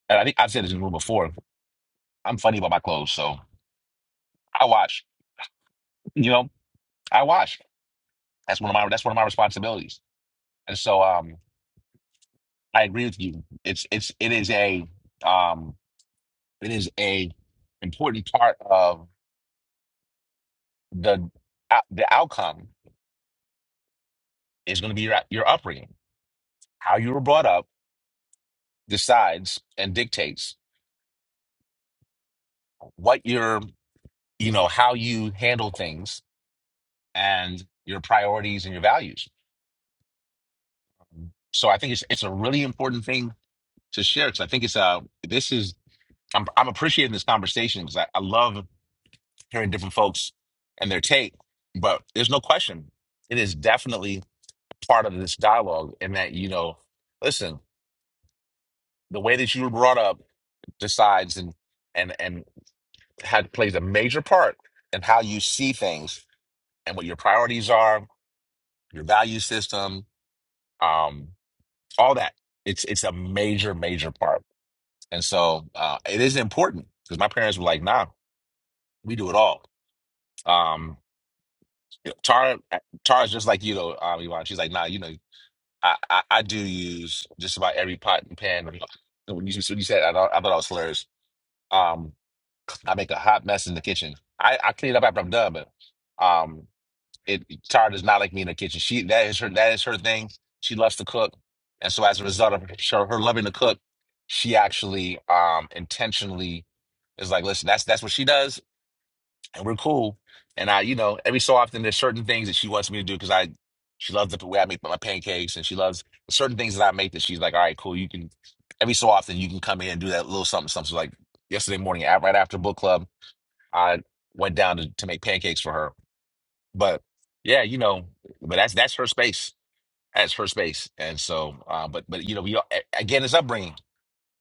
Speaker 1: and I think I've said this in the room before. I'm funny about my clothes, so I wash. You know, I wash. That's one of my that's one of my responsibilities. And so, um, I agree with you. It's it's it is a um it is a important part of the the outcome is going to be your your upbringing how you were brought up decides and dictates what your you know how you handle things and your priorities and your values so i think it's it's a really important thing to share because i think it's uh this is i'm, I'm appreciating this conversation because I, I love hearing different folks and their take but there's no question it is definitely part of this dialogue in that you know listen the way that you were brought up decides and and and had plays a major part in how you see things and what your priorities are, your value system, um, all that. It's it's a major major part, and so uh, it is important because my parents were like, "Nah, we do it all." Um, Tara eh, Tara's just like you though, um, Yvonne. She's like, "Nah, you know, I, I I do use just about every pot and pan." When you, when you said, I thought I thought I was hilarious. Um, I make a hot mess in the kitchen. I, I clean up after I'm done, but um, it Tara does not like me in the kitchen. She that is her that is her thing. She loves to cook, and so as a result of her, her loving to cook, she actually um intentionally is like, listen, that's that's what she does, and we're cool. And I, you know, every so often there's certain things that she wants me to do because I she loves the way I make my pancakes, and she loves certain things that I make that she's like, all right, cool, you can. Every so often you can come in and do that little something, something So, like yesterday morning, out right after book club. I went down to, to make pancakes for her. But yeah, you know, but that's that's her space. That's her space. And so, uh, but but you know, we all- a- again, it's upbringing.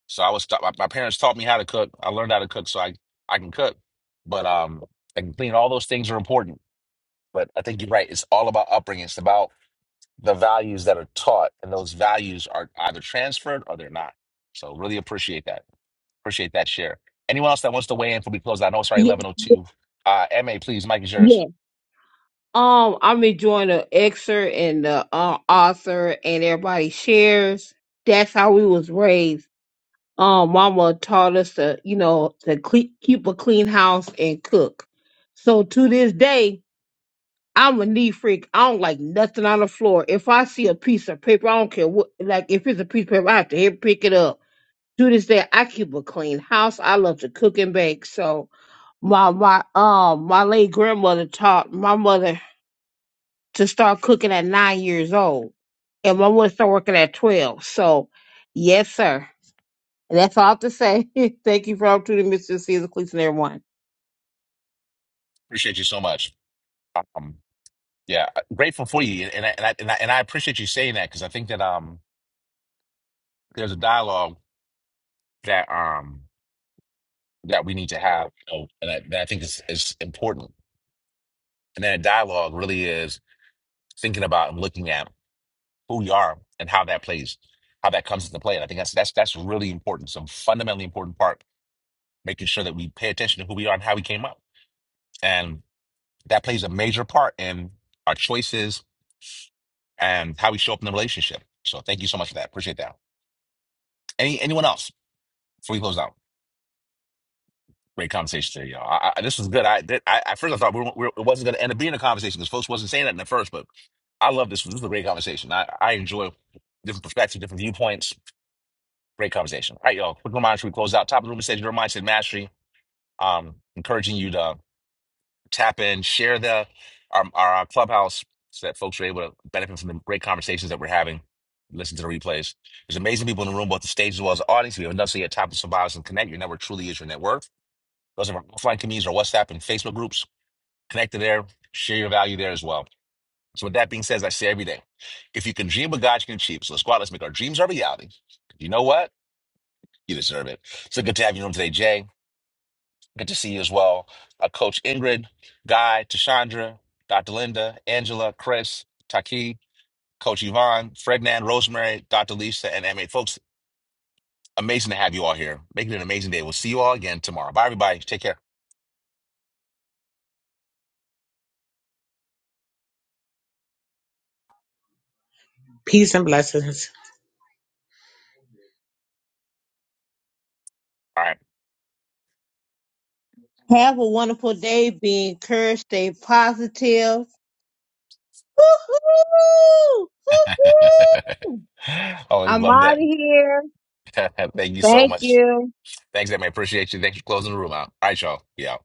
Speaker 1: So I was taught my, my parents taught me how to cook. I learned how to cook, so I I can cook. But um, I can clean. All those things are important. But I think you're right. It's all about upbringing. It's about the values that are taught, and those values are either transferred or they're not. So really appreciate that. Appreciate that share. Anyone else that wants to weigh in before we close? out? I know it's already
Speaker 3: Yeah,
Speaker 1: 11:02. Uh, Ma, please, Mike is yours.
Speaker 3: yeah. Um, I'm enjoying the excerpt and the uh, author and everybody shares. That's how we was raised um, mama taught us to, you know, to cle- keep a clean house and cook. So to this day, I'm a neat freak. I don't like nothing on the floor. If I see a piece of paper, I don't care what, like if it's a piece of paper, I have to hit pick it up. To this day, I keep a clean house. I love to cook and bake. So my my um my late grandmother taught my mother to start cooking at nine years old, and my mother started working at twelve. So yes, sir. And that's all I have to say. Thank you for the opportunity, Mr. Caesar Cleason, everyone.
Speaker 1: Appreciate you so much. Um, yeah, uh, grateful for you, and I, and I, and I, and I appreciate you saying that because I think that um, there's a dialogue that um that we need to have, you know, and I, that I think is is important. And that dialogue really is thinking about and looking at who you are and how that plays, how that comes into play. And I think that's that's that's really important, some fundamentally important part, making sure that we pay attention to who we are and how we came up, and that plays a major part in our choices and how we show up in the relationship. So thank you so much for that. Appreciate that. Any anyone else before we close out? Great conversation today, y'all. I, I, this was good. I, did, I at first I thought we were, we were- it wasn't going to end up being a conversation because folks wasn't saying that in the first, but I love this. This was a great conversation. I, I enjoy different perspectives, different viewpoints. Great conversation. All right, y'all. Quick reminder: should we close out? Top of the room says your mindset mastery. Um, encouraging you to tap in, share the our, our, our clubhouse so that folks are able to benefit from the great conversations that we're having. Listen to the replays. There's amazing people in the room, both the stage as well as the audience. If you have enough, so you're top of survivors and connect. Your network truly is your network. Those are our offline communities, our WhatsApp and Facebook groups. Connect to there. Share your value there as well. So with that being said, as I say every day, if you can dream what God you can achieve. So let's go out. Let's make our dreams our reality. You know what? You deserve it. So good to have you on today, Jay. Good to see you as well. Uh, Coach Ingrid, Guy, Tashandra, Dr. Linda, Angela, Chris, Taki, Coach Yvonne, Frednan, Rosemary, Dr. Lisa, and MA. Folks, amazing to have you all here. Make it an amazing day. We'll see you all again tomorrow. Bye, everybody. Take care.
Speaker 11: Peace and blessings.
Speaker 1: All right.
Speaker 3: Have a wonderful day. Be encouraged. Stay positive. Woo-hoo! Woo-hoo!
Speaker 1: Always
Speaker 3: I'm
Speaker 1: love
Speaker 3: out of
Speaker 1: that.
Speaker 3: here.
Speaker 1: Thank you so much.
Speaker 3: you.
Speaker 1: Thanks, man. Appreciate you. Thanks for closing the room out. All right, y'all. Yeah.